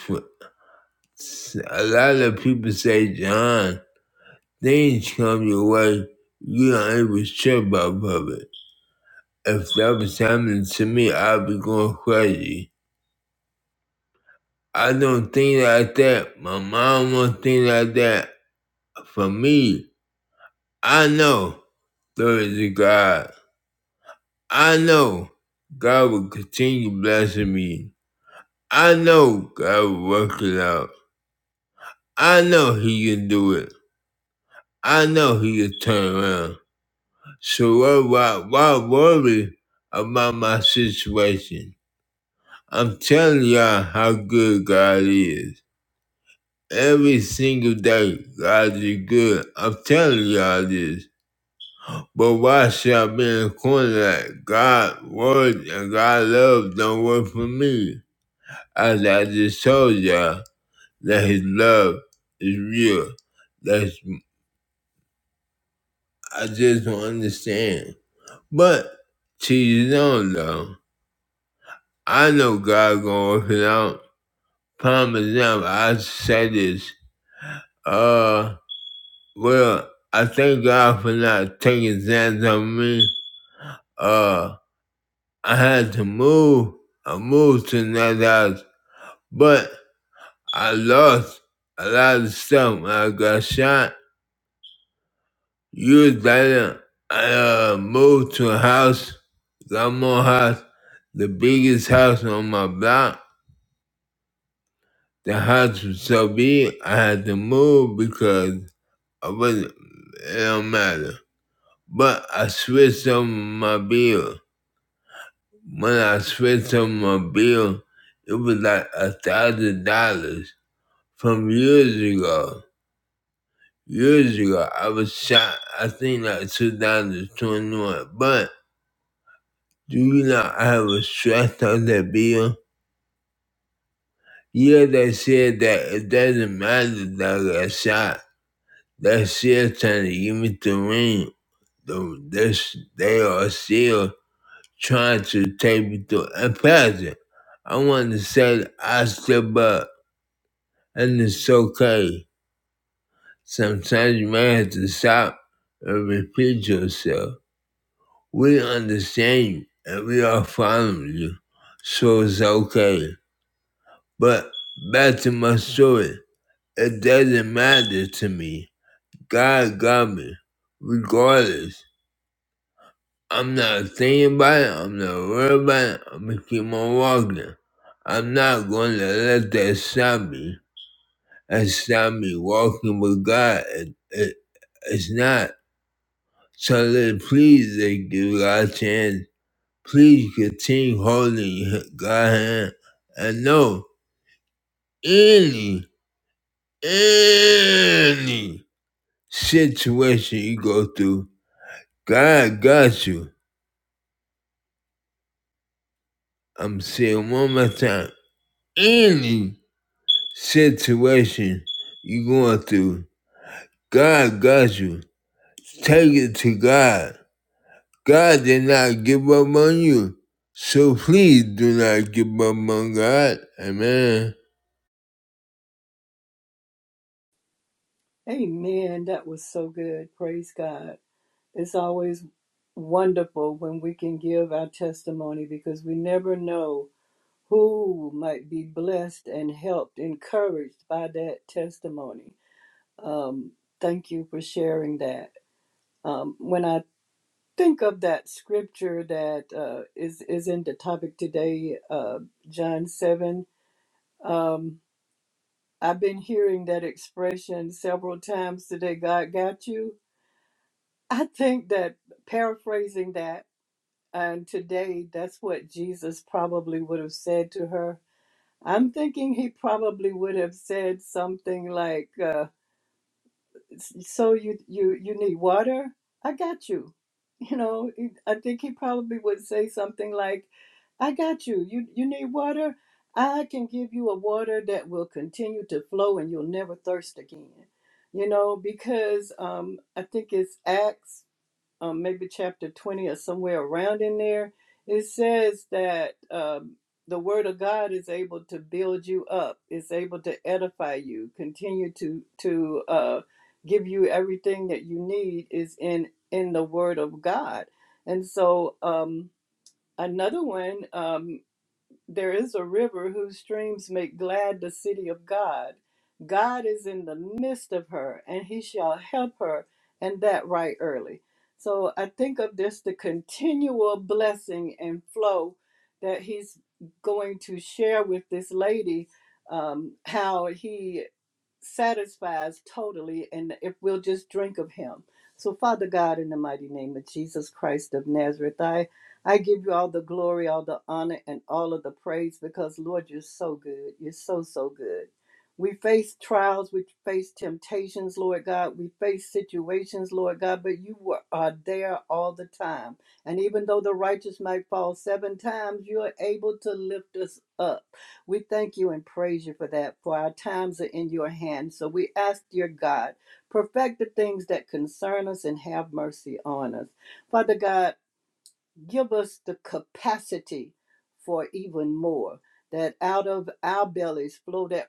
Speaker 4: A lot of people say, John, things come your way. You don't even sure about public. If that was happening to me, I'd be going crazy. I don't think like that. My mom won't think like that. For me, I know there is a God. I know God will continue blessing me. I know God will work it out. I know He can do it. I know He can turn around. So why, why, why worry about my situation? I'm telling y'all how good God is. Every single day, God is good. I'm telling y'all this. But why should I be in a corner like God word and God love don't work for me? As I just told y'all, that His love is real. That's I just don't understand. But to his own though. I know God gonna work it out. Prime example, I say this. Uh, well, I thank God for not taking that on me. Uh, I had to move. I moved to another house, but I lost a lot of stuff when I got shot. Years later, I uh, moved to a house, got more house, the biggest house on my block. The house was so big, I had to move because I wasn't, it don't matter. But I switched over my bill. When I switched over my bill, it was like a thousand dollars from years ago. Years ago, I was shot, I think like 2021. But do you know I was stressed on that bill? Yeah, they said that it doesn't matter that I got shot. They're still trying to give me the ring. The, this, they are still trying to take me through. a Pastor, I want to say I step up, and it's okay. Sometimes you may have to stop and repeat yourself. We understand you, and we are following you, so it's okay. But back to my story, it doesn't matter to me. God got me, regardless. I'm not thinking about it. I'm not worried about it. I'm gonna keep on walking. I'm not going to let that stop me. That stop me walking with God. It, it, it's not. So let, please, they give God a chance. Please continue holding God's hand. And know any, any situation you go through, God got you. I'm saying one more time. Any situation you're going through, God got you. Take it to God. God did not give up on you. So please do not give up on God. Amen.
Speaker 3: Amen. That was so good. Praise God. It's always wonderful when we can give our testimony because we never know who might be blessed and helped, encouraged by that testimony. Um, thank you for sharing that. Um, when I think of that scripture that uh, is is in the topic today, uh, John seven. um, I've been hearing that expression several times today God got you. I think that paraphrasing that, and today that's what Jesus probably would have said to her. I'm thinking he probably would have said something like, uh, so you you you need water i got you you know i think he probably would say something like i got you you you need water i can give you a water that will continue to flow and you'll never thirst again you know because um i think it's acts um, maybe chapter 20 or somewhere around in there, it says that um, the word of God is able to build you up, It's able to edify you, continue to to uh, give you everything that you need is in in the word of God. And so um, another one. um, there is a river whose streams make glad the city of God. God is in the midst of her, and he shall help her, and that right early. So I think of this the continual blessing and flow that he's going to share with this lady, um, how he satisfies totally, and if we'll just drink of Him. So, Father God, in the mighty name of Jesus Christ of Nazareth, I, I give you all the glory, all the honor, and all of the praise because, Lord, you're so good. You're so, so good. We face trials, we face temptations, Lord God. We face situations, Lord God, but you were, are there all the time. And even though the righteous might fall seven times, you are able to lift us up. We thank you and praise you for that, for our times are in your hand, So we ask, dear God, perfect the things that concern us and have mercy on us. Father God, give us the capacity for even more. That out of our bellies flow that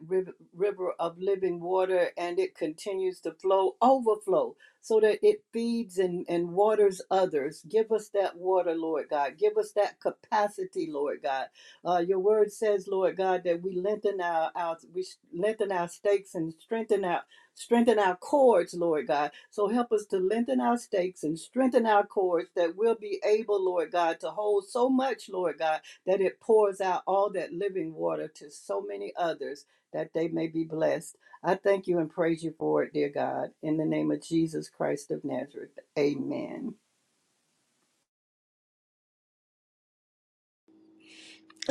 Speaker 3: river of living water, and it continues to flow, overflow, so that it feeds and, and waters others. Give us that water, Lord God. Give us that capacity, Lord God. Uh, your word says, Lord God, that we lengthen our, our we lengthen our stakes and strengthen our Strengthen our cords, Lord God. So help us to lengthen our stakes and strengthen our cords that we'll be able, Lord God, to hold so much, Lord God, that it pours out all that living water to so many others that they may be blessed. I thank you and praise you for it, dear God. In the name of Jesus Christ of Nazareth, amen.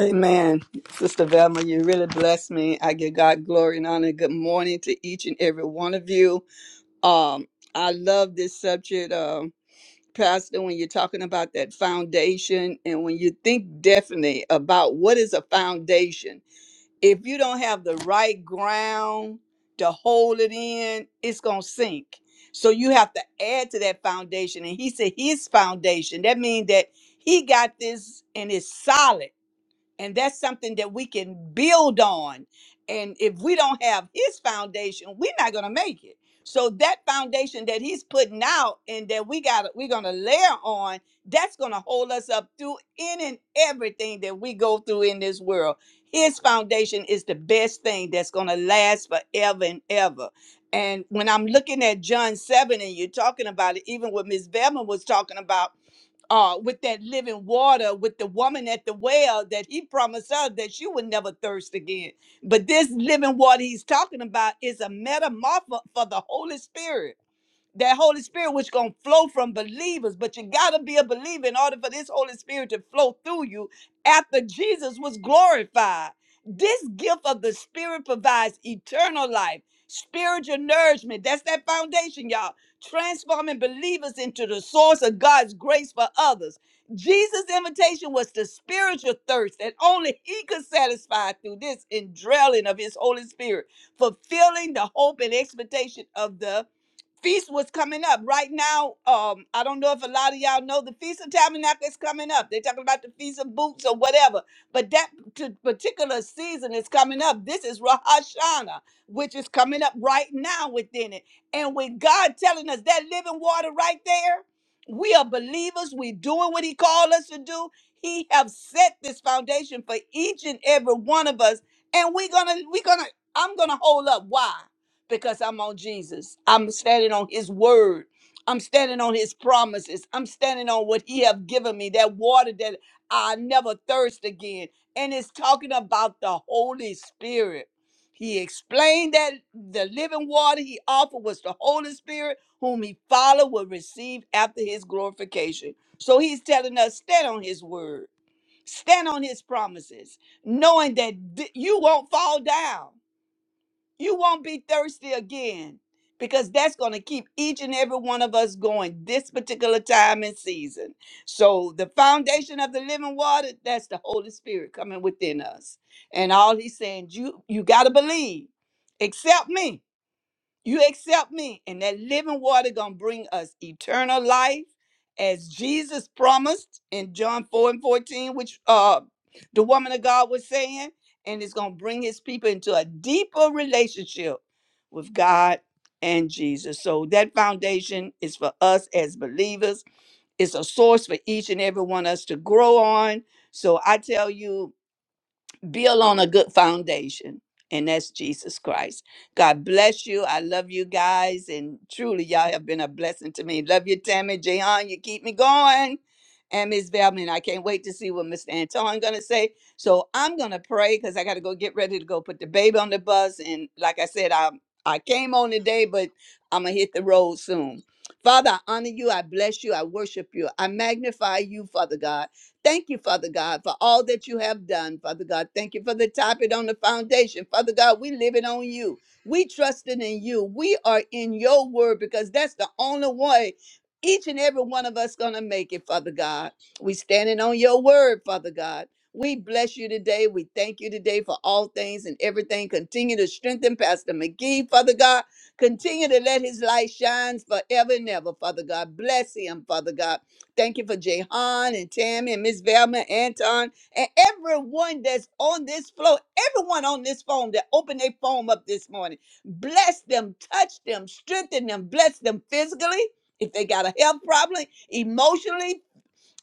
Speaker 5: Amen. Sister Velma, you really bless me. I give God glory and honor. Good morning to each and every one of you. Um, I love this subject, um, Pastor, when you're talking about that foundation and when you think definitely about what is a foundation. If you don't have the right ground to hold it in, it's going to sink. So you have to add to that foundation. And he said his foundation. That means that he got this and it's solid and that's something that we can build on. And if we don't have his foundation, we're not gonna make it. So that foundation that he's putting out and that we got we're gonna layer on, that's gonna hold us up through in and everything that we go through in this world. His foundation is the best thing that's gonna last forever and ever. And when I'm looking at John 7 and you're talking about it, even what Miss Bevan was talking about uh, with that living water, with the woman at the well that he promised her that she would never thirst again. But this living water he's talking about is a metamorpho for the Holy Spirit that Holy Spirit which gonna flow from believers, but you gotta be a believer in order for this Holy Spirit to flow through you after Jesus was glorified. This gift of the Spirit provides eternal life, spiritual nourishment. That's that foundation, y'all. Transforming believers into the source of God's grace for others. Jesus' invitation was the spiritual thirst that only he could satisfy through this indwelling of his Holy Spirit, fulfilling the hope and expectation of the feast was coming up right now. Um, I don't know if a lot of y'all know the Feast of Tabernacles coming up. They're talking about the Feast of Booths or whatever, but that t- particular season is coming up. This is Rosh Hashanah, which is coming up right now within it, and with God telling us that living water right there, we are believers. We doing what He called us to do. He have set this foundation for each and every one of us, and we're gonna we're gonna I'm gonna hold up. Why? because I'm on Jesus. I'm standing on his word. I'm standing on his promises. I'm standing on what he have given me, that water that I never thirst again. And it's talking about the Holy Spirit. He explained that the living water he offered was the Holy Spirit, whom he Father will receive after his glorification. So he's telling us, stand on his word, stand on his promises, knowing that d- you won't fall down. You won't be thirsty again because that's going to keep each and every one of us going this particular time and season. So, the foundation of the living water, that's the Holy Spirit coming within us. And all he's saying, you you got to believe. Accept me you accept me and that living water gonna bring us eternal life as jesus promised in john 4 and 14 which uh the woman of god was saying and it's gonna bring his people into a deeper relationship with god and jesus so that foundation is for us as believers it's a source for each and every one of us to grow on so i tell you build on a good foundation and that's jesus christ god bless you i love you guys and truly y'all have been a blessing to me love you tammy jehan you keep me going and miss velman i can't wait to see what mr Antoine gonna say so i'm gonna pray because i gotta go get ready to go put the baby on the bus and like i said i i came on today but i'm gonna hit the road soon father i honor you i bless you i worship you i magnify you father god Thank you, Father God, for all that you have done, Father God. Thank you for the top it on the foundation. Father God, we live it on you. We trusted in you. We are in your word because that's the only way each and every one of us gonna make it, Father
Speaker 6: Yes,
Speaker 5: God. We standing on your word, Father God. We bless you today. We thank you today for all things and everything. Continue to strengthen Pastor McGee, Father God. Continue
Speaker 6: please.
Speaker 5: to let his light shine forever and ever, Father God. Bless him, Father God. Thank you for Jehan and Tammy and Miss Velma, Anton, and everyone that's on this floor, everyone on this phone that opened their phone up this morning. Bless them, touch them, strengthen them, bless them physically. If they got a health problem, emotionally,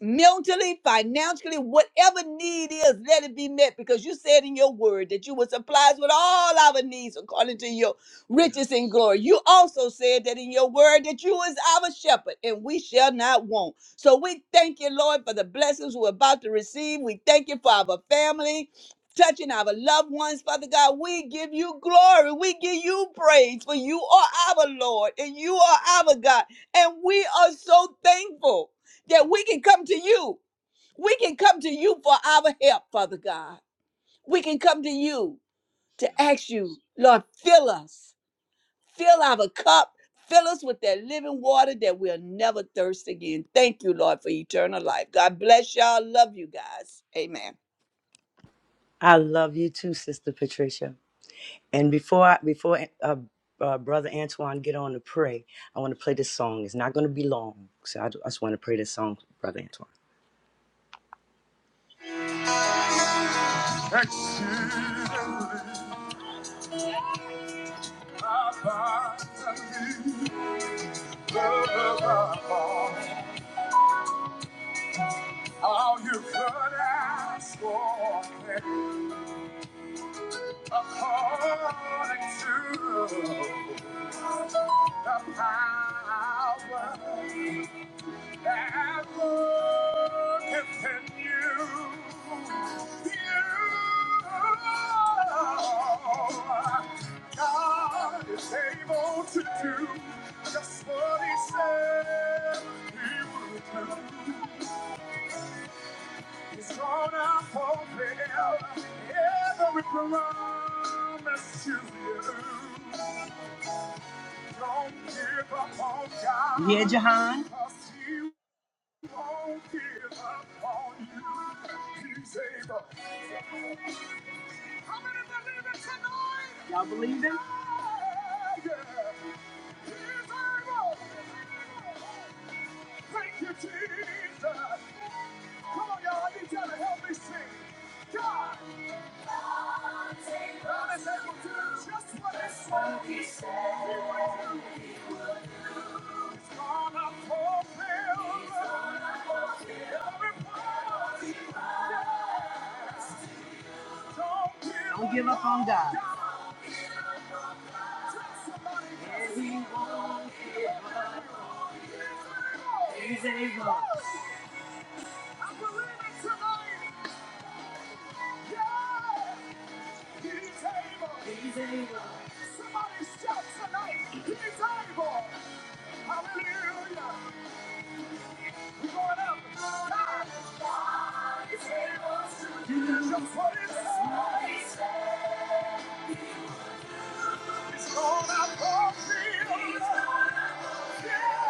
Speaker 5: mentally, financially, whatever need is, let it be met because you said in your word that you would supply us with all our needs according to your riches
Speaker 6: Yes,
Speaker 5: and
Speaker 6: Lord.
Speaker 5: glory. You also said that in your word that you is our shepherd and we shall not want. So we thank you, Lord, for the blessings we're about to receive. We thank you for our family. Touching our loved ones, Father God, we give you glory. We give you praise for you are our Lord and you are our God. And we are so thankful that we can come to you. We can come to you for our help, Father God. We can come to you to
Speaker 6: Yes.
Speaker 5: ask you, Lord, fill us, fill our cup, fill us with that living water that we'll never thirst again. Thank you, Lord, for eternal life. God bless y'all. Love you guys. Amen.
Speaker 2: I love you too, Sister Patricia. And before I, before uh, uh, brother Antoine get on to pray, I want to play this song. It's not going to be long, so I, ju- I just want to pray this song, brother Antoine. Exceedingly abundantly above all you could ask for, according to the power Have looked and you, God is able to do just what He said He would do. He's gonna fulfill every promise to you. Don't give up on God. Yeah, Jahan.
Speaker 6: Lord.
Speaker 2: All fear upon you. He's able. How many believe it
Speaker 6: Able.
Speaker 2: tonight? Y'all believe him?
Speaker 6: He's able.
Speaker 2: Yeah. yeah. He's able.
Speaker 6: He's able.
Speaker 2: Thank you, Jesus. Come on, y'all. I need y'all to help me sing. God. God is able to do just what Just what He said He would do. He's gonna fulfill He's gonna fulfill every promise He promised. Don't give up. Don't give up on God. God. Tell somebody And He won't give up. He's able. He's able. I believe it tonight. Yeah. He's
Speaker 6: Oh,
Speaker 2: able. He's able. Somebody shout tonight. He's able. Hallelujah. We're going up. God. God is able to do just what it says. He's gonna fulfill. He's gonna Yeah.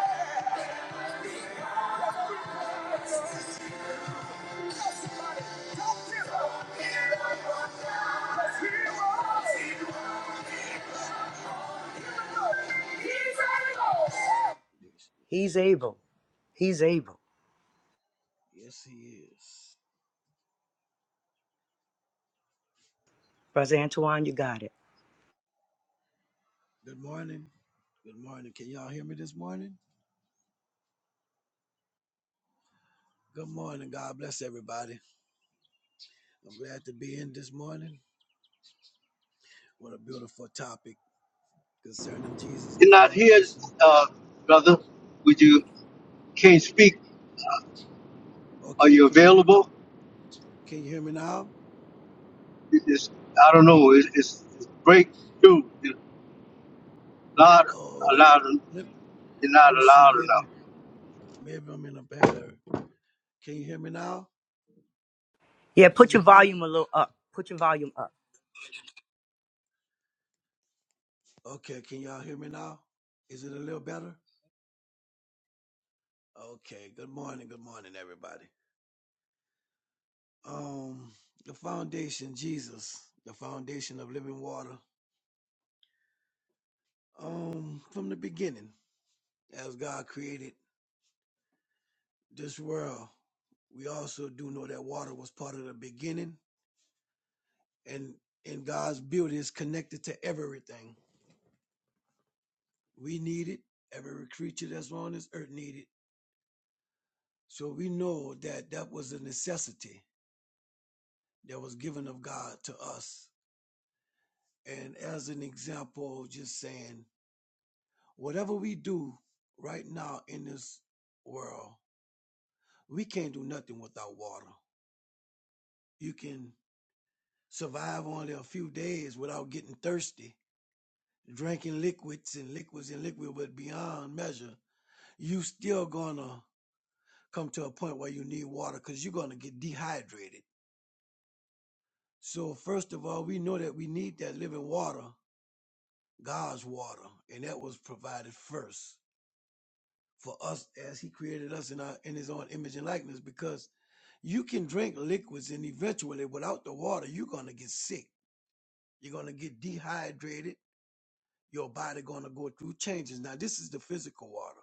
Speaker 2: fulfill. Tell somebody, don't give up. Let's God- Just hear what- Hear
Speaker 6: water will cease. It's the
Speaker 2: He's
Speaker 6: beginning
Speaker 2: able.
Speaker 6: of the condition of the
Speaker 2: He's
Speaker 6: world.
Speaker 2: able. He's able.
Speaker 6: Yes, he is.
Speaker 2: Brother Antoine, you got it.
Speaker 6: Good morning. Good morning. Can y'all hear me this morning? Good morning. God bless everybody. I'm glad to be in this morning. What a beautiful topic concerning Jesus, the foundation. Okay, can you hear me?
Speaker 1: Well,
Speaker 6: Can you hear me now?
Speaker 1: It's, I don't know. It's, it's, it's breakthrough. It's not
Speaker 6: Oh,
Speaker 1: allowed.
Speaker 6: let,
Speaker 1: It's
Speaker 6: let
Speaker 1: not
Speaker 6: me see.
Speaker 1: allowed enough.
Speaker 6: Maybe maybe I'm in a bad area. Can you hear me now?
Speaker 2: Yeah,
Speaker 6: Is
Speaker 2: put your
Speaker 6: it better?
Speaker 2: volume a little up. Put your volume up.
Speaker 6: Okay, can y'all hear me now? Is it a little better? Okay. Good morning. Good morning, everybody. Um, the foundation, Jesus, the foundation of living water. Um, from the beginning, as God created this world, we also do know that water was part of the beginning, and and God's beauty is connected to everything We need it. Every creature that's on this earth need it. So we know that that was a necessity that was given of God to us. And as an example, just saying, whatever we do right now in this world, we can't do nothing without water. You can survive only a few days without getting thirsty, drinking liquids and liquids and liquid, but beyond measure, you still gonna come to a point where you need water because you're gonna get dehydrated So first of all, we know that we need that living water, God's water, and that was provided first for us as He created us in our in His own image and likeness. Because you can drink liquids, and eventually, without the water, you're gonna get sick. You're gonna get dehydrated. Your body gonna go through changes. Now, this is the physical water.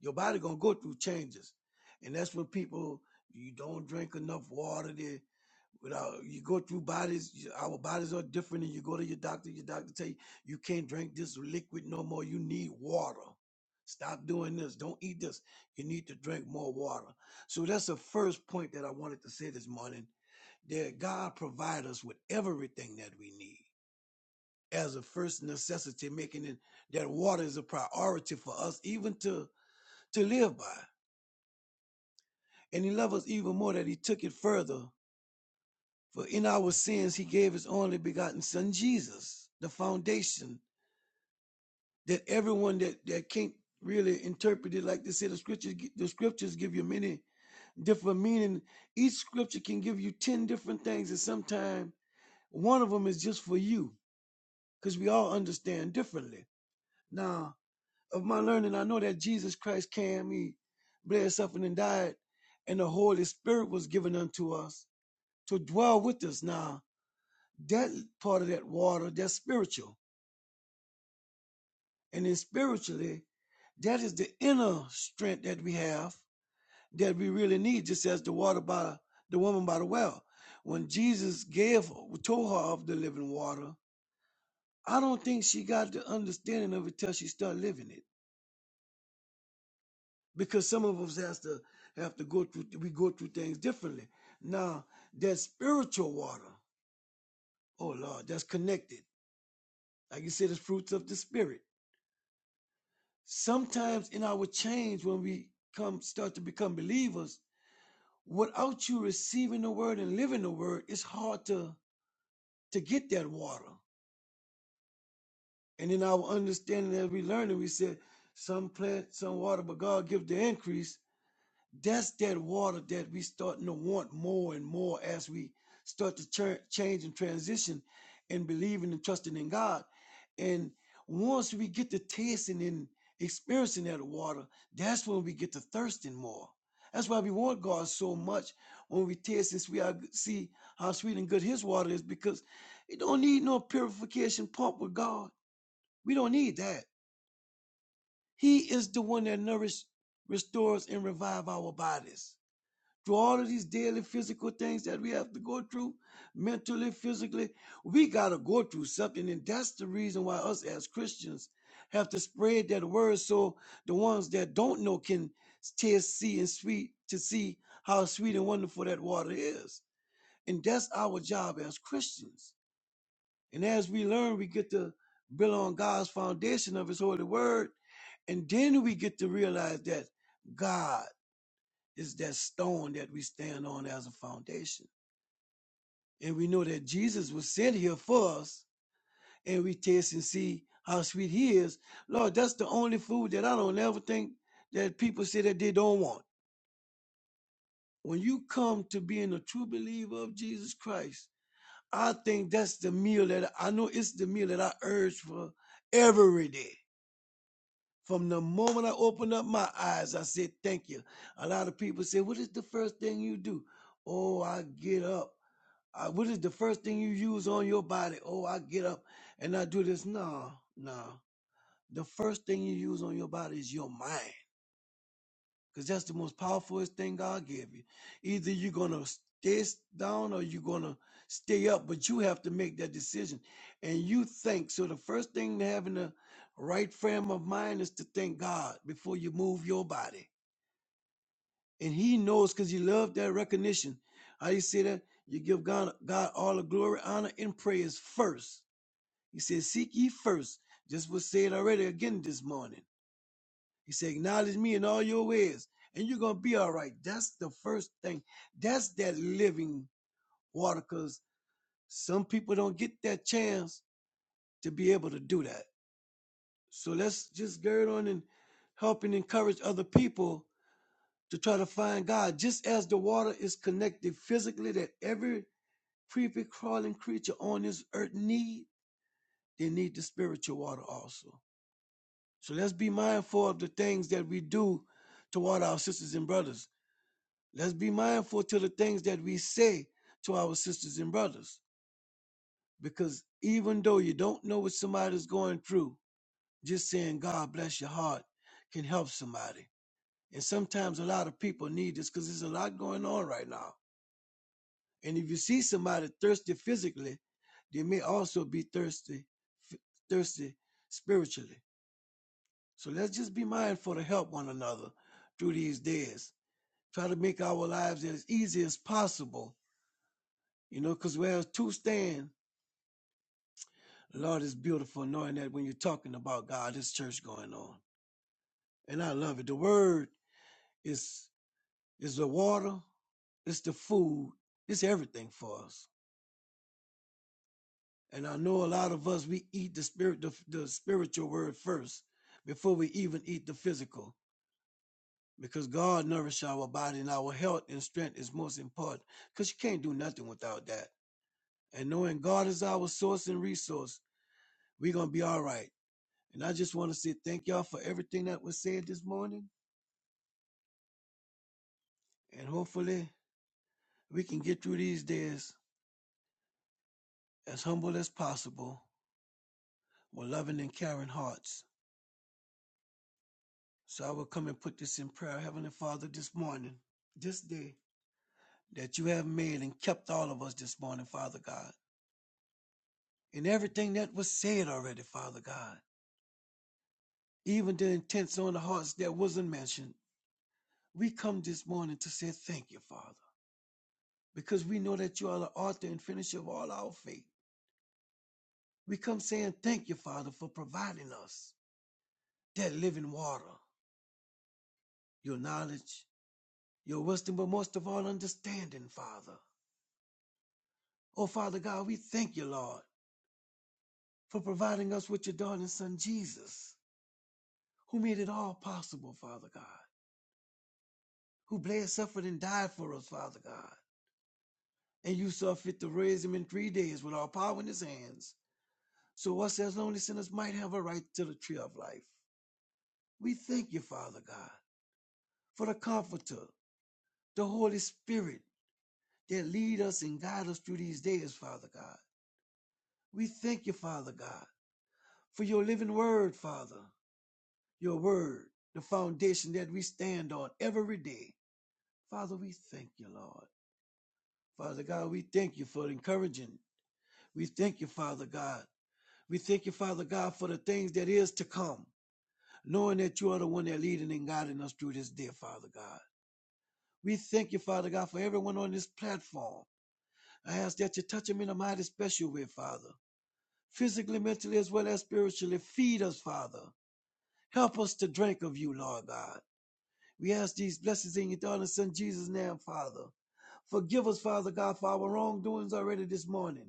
Speaker 6: Your body gonna go through changes, and that's what people you don't drink enough water. They without you go through bodies. you- Our bodies are different, and you go to your doctor. Your doctor tell you you can't drink this liquid no more. You need water. Stop doing this. Don't eat this. You need to drink more water. So that's the first point that I wanted to say this morning. That God provide us with everything that we need as a first necessity, making it that water is a priority for us even to to live by. And he loved us even more that he took it further. For in our sins, he gave his only begotten son, Jesus, the foundation that everyone that, that can't really interpret it like they say the scriptures, the scriptures give you many different meaning. Each scripture can give you 10 different things. And sometimes one of them is just for you because we all understand differently. Now, of my learning, I know that Jesus Christ came, he bled, suffered, and died, and the Holy Spirit was given unto us to dwell with us now That part of that water, that's spiritual. And then spiritually, that is the inner strength that we have that we really need, just as the water by the woman by the well. When Jesus gave told her of the living water, I don't think she got the understanding of it till she started living it. Because some of us has to have to go through we go through things differently. Now that spiritual water, oh Lord, that's connected. Like you said, the fruits of the spirit sometimes in our change when we come start to become believers without you receiving the word and living the word it's hard to to get that water and in our understanding as we learn it we said some plant some water but god gives the increase That's that water that we starting to want more and more as we start to ch- change and transition and believing and trusting in God. And once we get to tasting and experiencing that water, that's when we get to thirsting more. That's why we want God so much when we taste this. We are, see how sweet and good His water is because it don't need no purification pump with God. We don't need that. He is the one that nourishes, restores, and revive our bodies through all of these daily physical things that we have to go through, mentally, physically, we got to go through something. And that's the reason why us as Christians have to spread that word so the ones that don't know can taste, see, and sweet to see how sweet and wonderful that water is. And that's our job as Christians. And as we learn, we get to build on God's foundation of His holy word. And then we get to realize that God is that stone that we stand on as a foundation. And we know that Jesus was sent here for us, and we taste and see how sweet he is. Lord, that's the only food that I don't ever think that people say that they don't want. When you come to being a true believer of Jesus Christ, I think that's the meal that I know it's the meal that I urge for every day. From the moment I open up my eyes, I say Thank you. A lot of people say, What is the first thing you do? Oh, I get up Uh, what is the first thing you use on your body? Oh, I get up and I do this. No, no. The first thing you use on your body is your mind, because that's the most powerfulest thing God gave you. Either you're gonna stay s- down or you're gonna stay up, but you have to make that decision. And you think so. The first thing to having the right frame of mind is to thank God before you move your body and he knows because you love that recognition. How you say that? You give God, God all the glory, honor, and praise first. He says, Seek ye first. Just was said already again this morning. He said, Acknowledge me in all your ways, and you're going to be all right. That's the first thing. That's that living water because some people don't get that chance to be able to do that. So let's just gird on and help and encourage other people to try to find God. Just as the water is connected physically that every creepy crawling creature on this earth need, they need the spiritual water also. So let's be mindful of the things that we do toward our sisters and brothers. Let's be mindful to the things that we say to our sisters and brothers. Because even though you don't know what somebody's going through, just saying God bless your heart can help somebody. And sometimes a lot of people need this because there's a lot going on right now And if you see somebody thirsty physically, they may also be thirsty, f- thirsty spiritually. So let's just be mindful to help one another through these days. Try to make our lives as easy as possible, you know, because whereas two stand, Lord it's beautiful knowing that when you're talking about God, this church going on. And I love it. The word is is the water, it's the food, it's everything for us. And I know a lot of us we eat the spirit the, the spiritual word first before we even eat the physical. Because God nourishes our body and our health and strength is most important. Because you can't do nothing without that. And knowing God is our source and resource, we're gonna be all right. And I just want to say thank y'all for everything that was said this morning. And hopefully we can get through these days as humble as possible with loving and caring hearts. So I will come and put this in prayer, Heavenly Father, this morning, this day. that you have made and kept all of us this morning, Father God. And everything that was said already, Father God, even the intents on the hearts that wasn't mentioned, we come this morning to say thank you, Father, because we know that you are the author and finisher of all our faith. We come saying thank you, Father, for providing us that living water, your knowledge, your wisdom, but most of all, understanding, Father. Oh, Father God, we thank you, Lord, for providing us with your darling son, Jesus, who made it all possible, Father God. who bled, suffered, and died for us, Father God. And you saw fit to raise him in three days with all power in his hands, so us as lonely sinners might have a right to the tree of life. We thank you, Father God, for the Comforter, the Holy Spirit that lead us and guide us through these days, Father God. We thank you, Father God, for your living word, Father, your word, the foundation that we stand on every day. Father, we thank you, Lord. Father God, we thank you for encouraging. We thank you, Father God, We thank you, Father God, for the things that is to come, knowing that you are the one that leading and guiding us through this day, Father God. We thank you, Father God, for everyone on this platform. I ask that you touch them in a mighty special way, Father. Physically, mentally, as well as spiritually, feed us, Father. Help us to drink of you, Lord God. We ask these blessings in your darling son Jesus' name, Father. Forgive us, Father God, for our wrongdoings already this morning.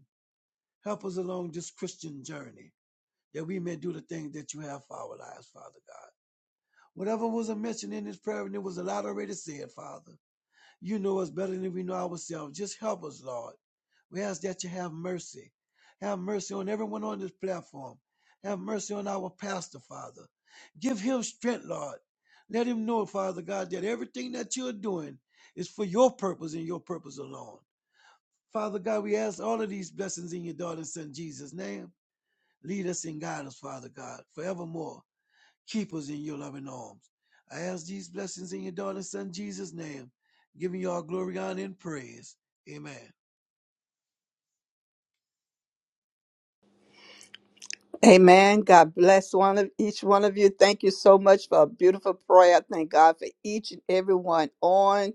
Speaker 6: Help us along this Christian journey that we may do the things that you have for our lives, Father God. Whatever was mentioned in this prayer, and it was a lot already said, Father. You know us better than we know ourselves. Just help us, Lord. We ask that you have mercy. Have mercy on everyone on this platform. Have mercy on our pastor, Father. Give him strength, Lord. Let him know, Father God, that everything that you're doing is for your purpose and your purpose alone. Father God, we ask all of these blessings in your daughter's son Jesus' name. Lead us and guide us, Father God, forevermore. Keep us in your loving arms. I ask these blessings in your darling son Jesus' name, giving you all glory, honor, and praise. Amen.
Speaker 5: Amen. God bless one of each one of you. Thank you so much for a beautiful prayer. Thank God for each and every one on.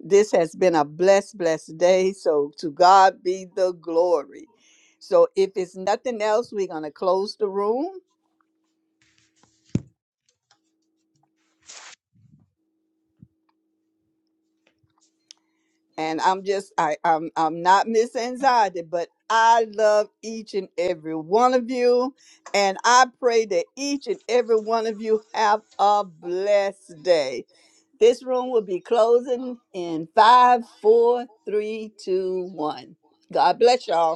Speaker 5: This has been a blessed, blessed day. So to God be the glory. So if it's nothing else, we're gonna close the room. And I'm just I, I'm I'm not Miss Anxiety, but I love each and every one of you. And I pray that each and every one of you have a blessed day. This room will be closing in five, four, three, two, one. God bless y'all.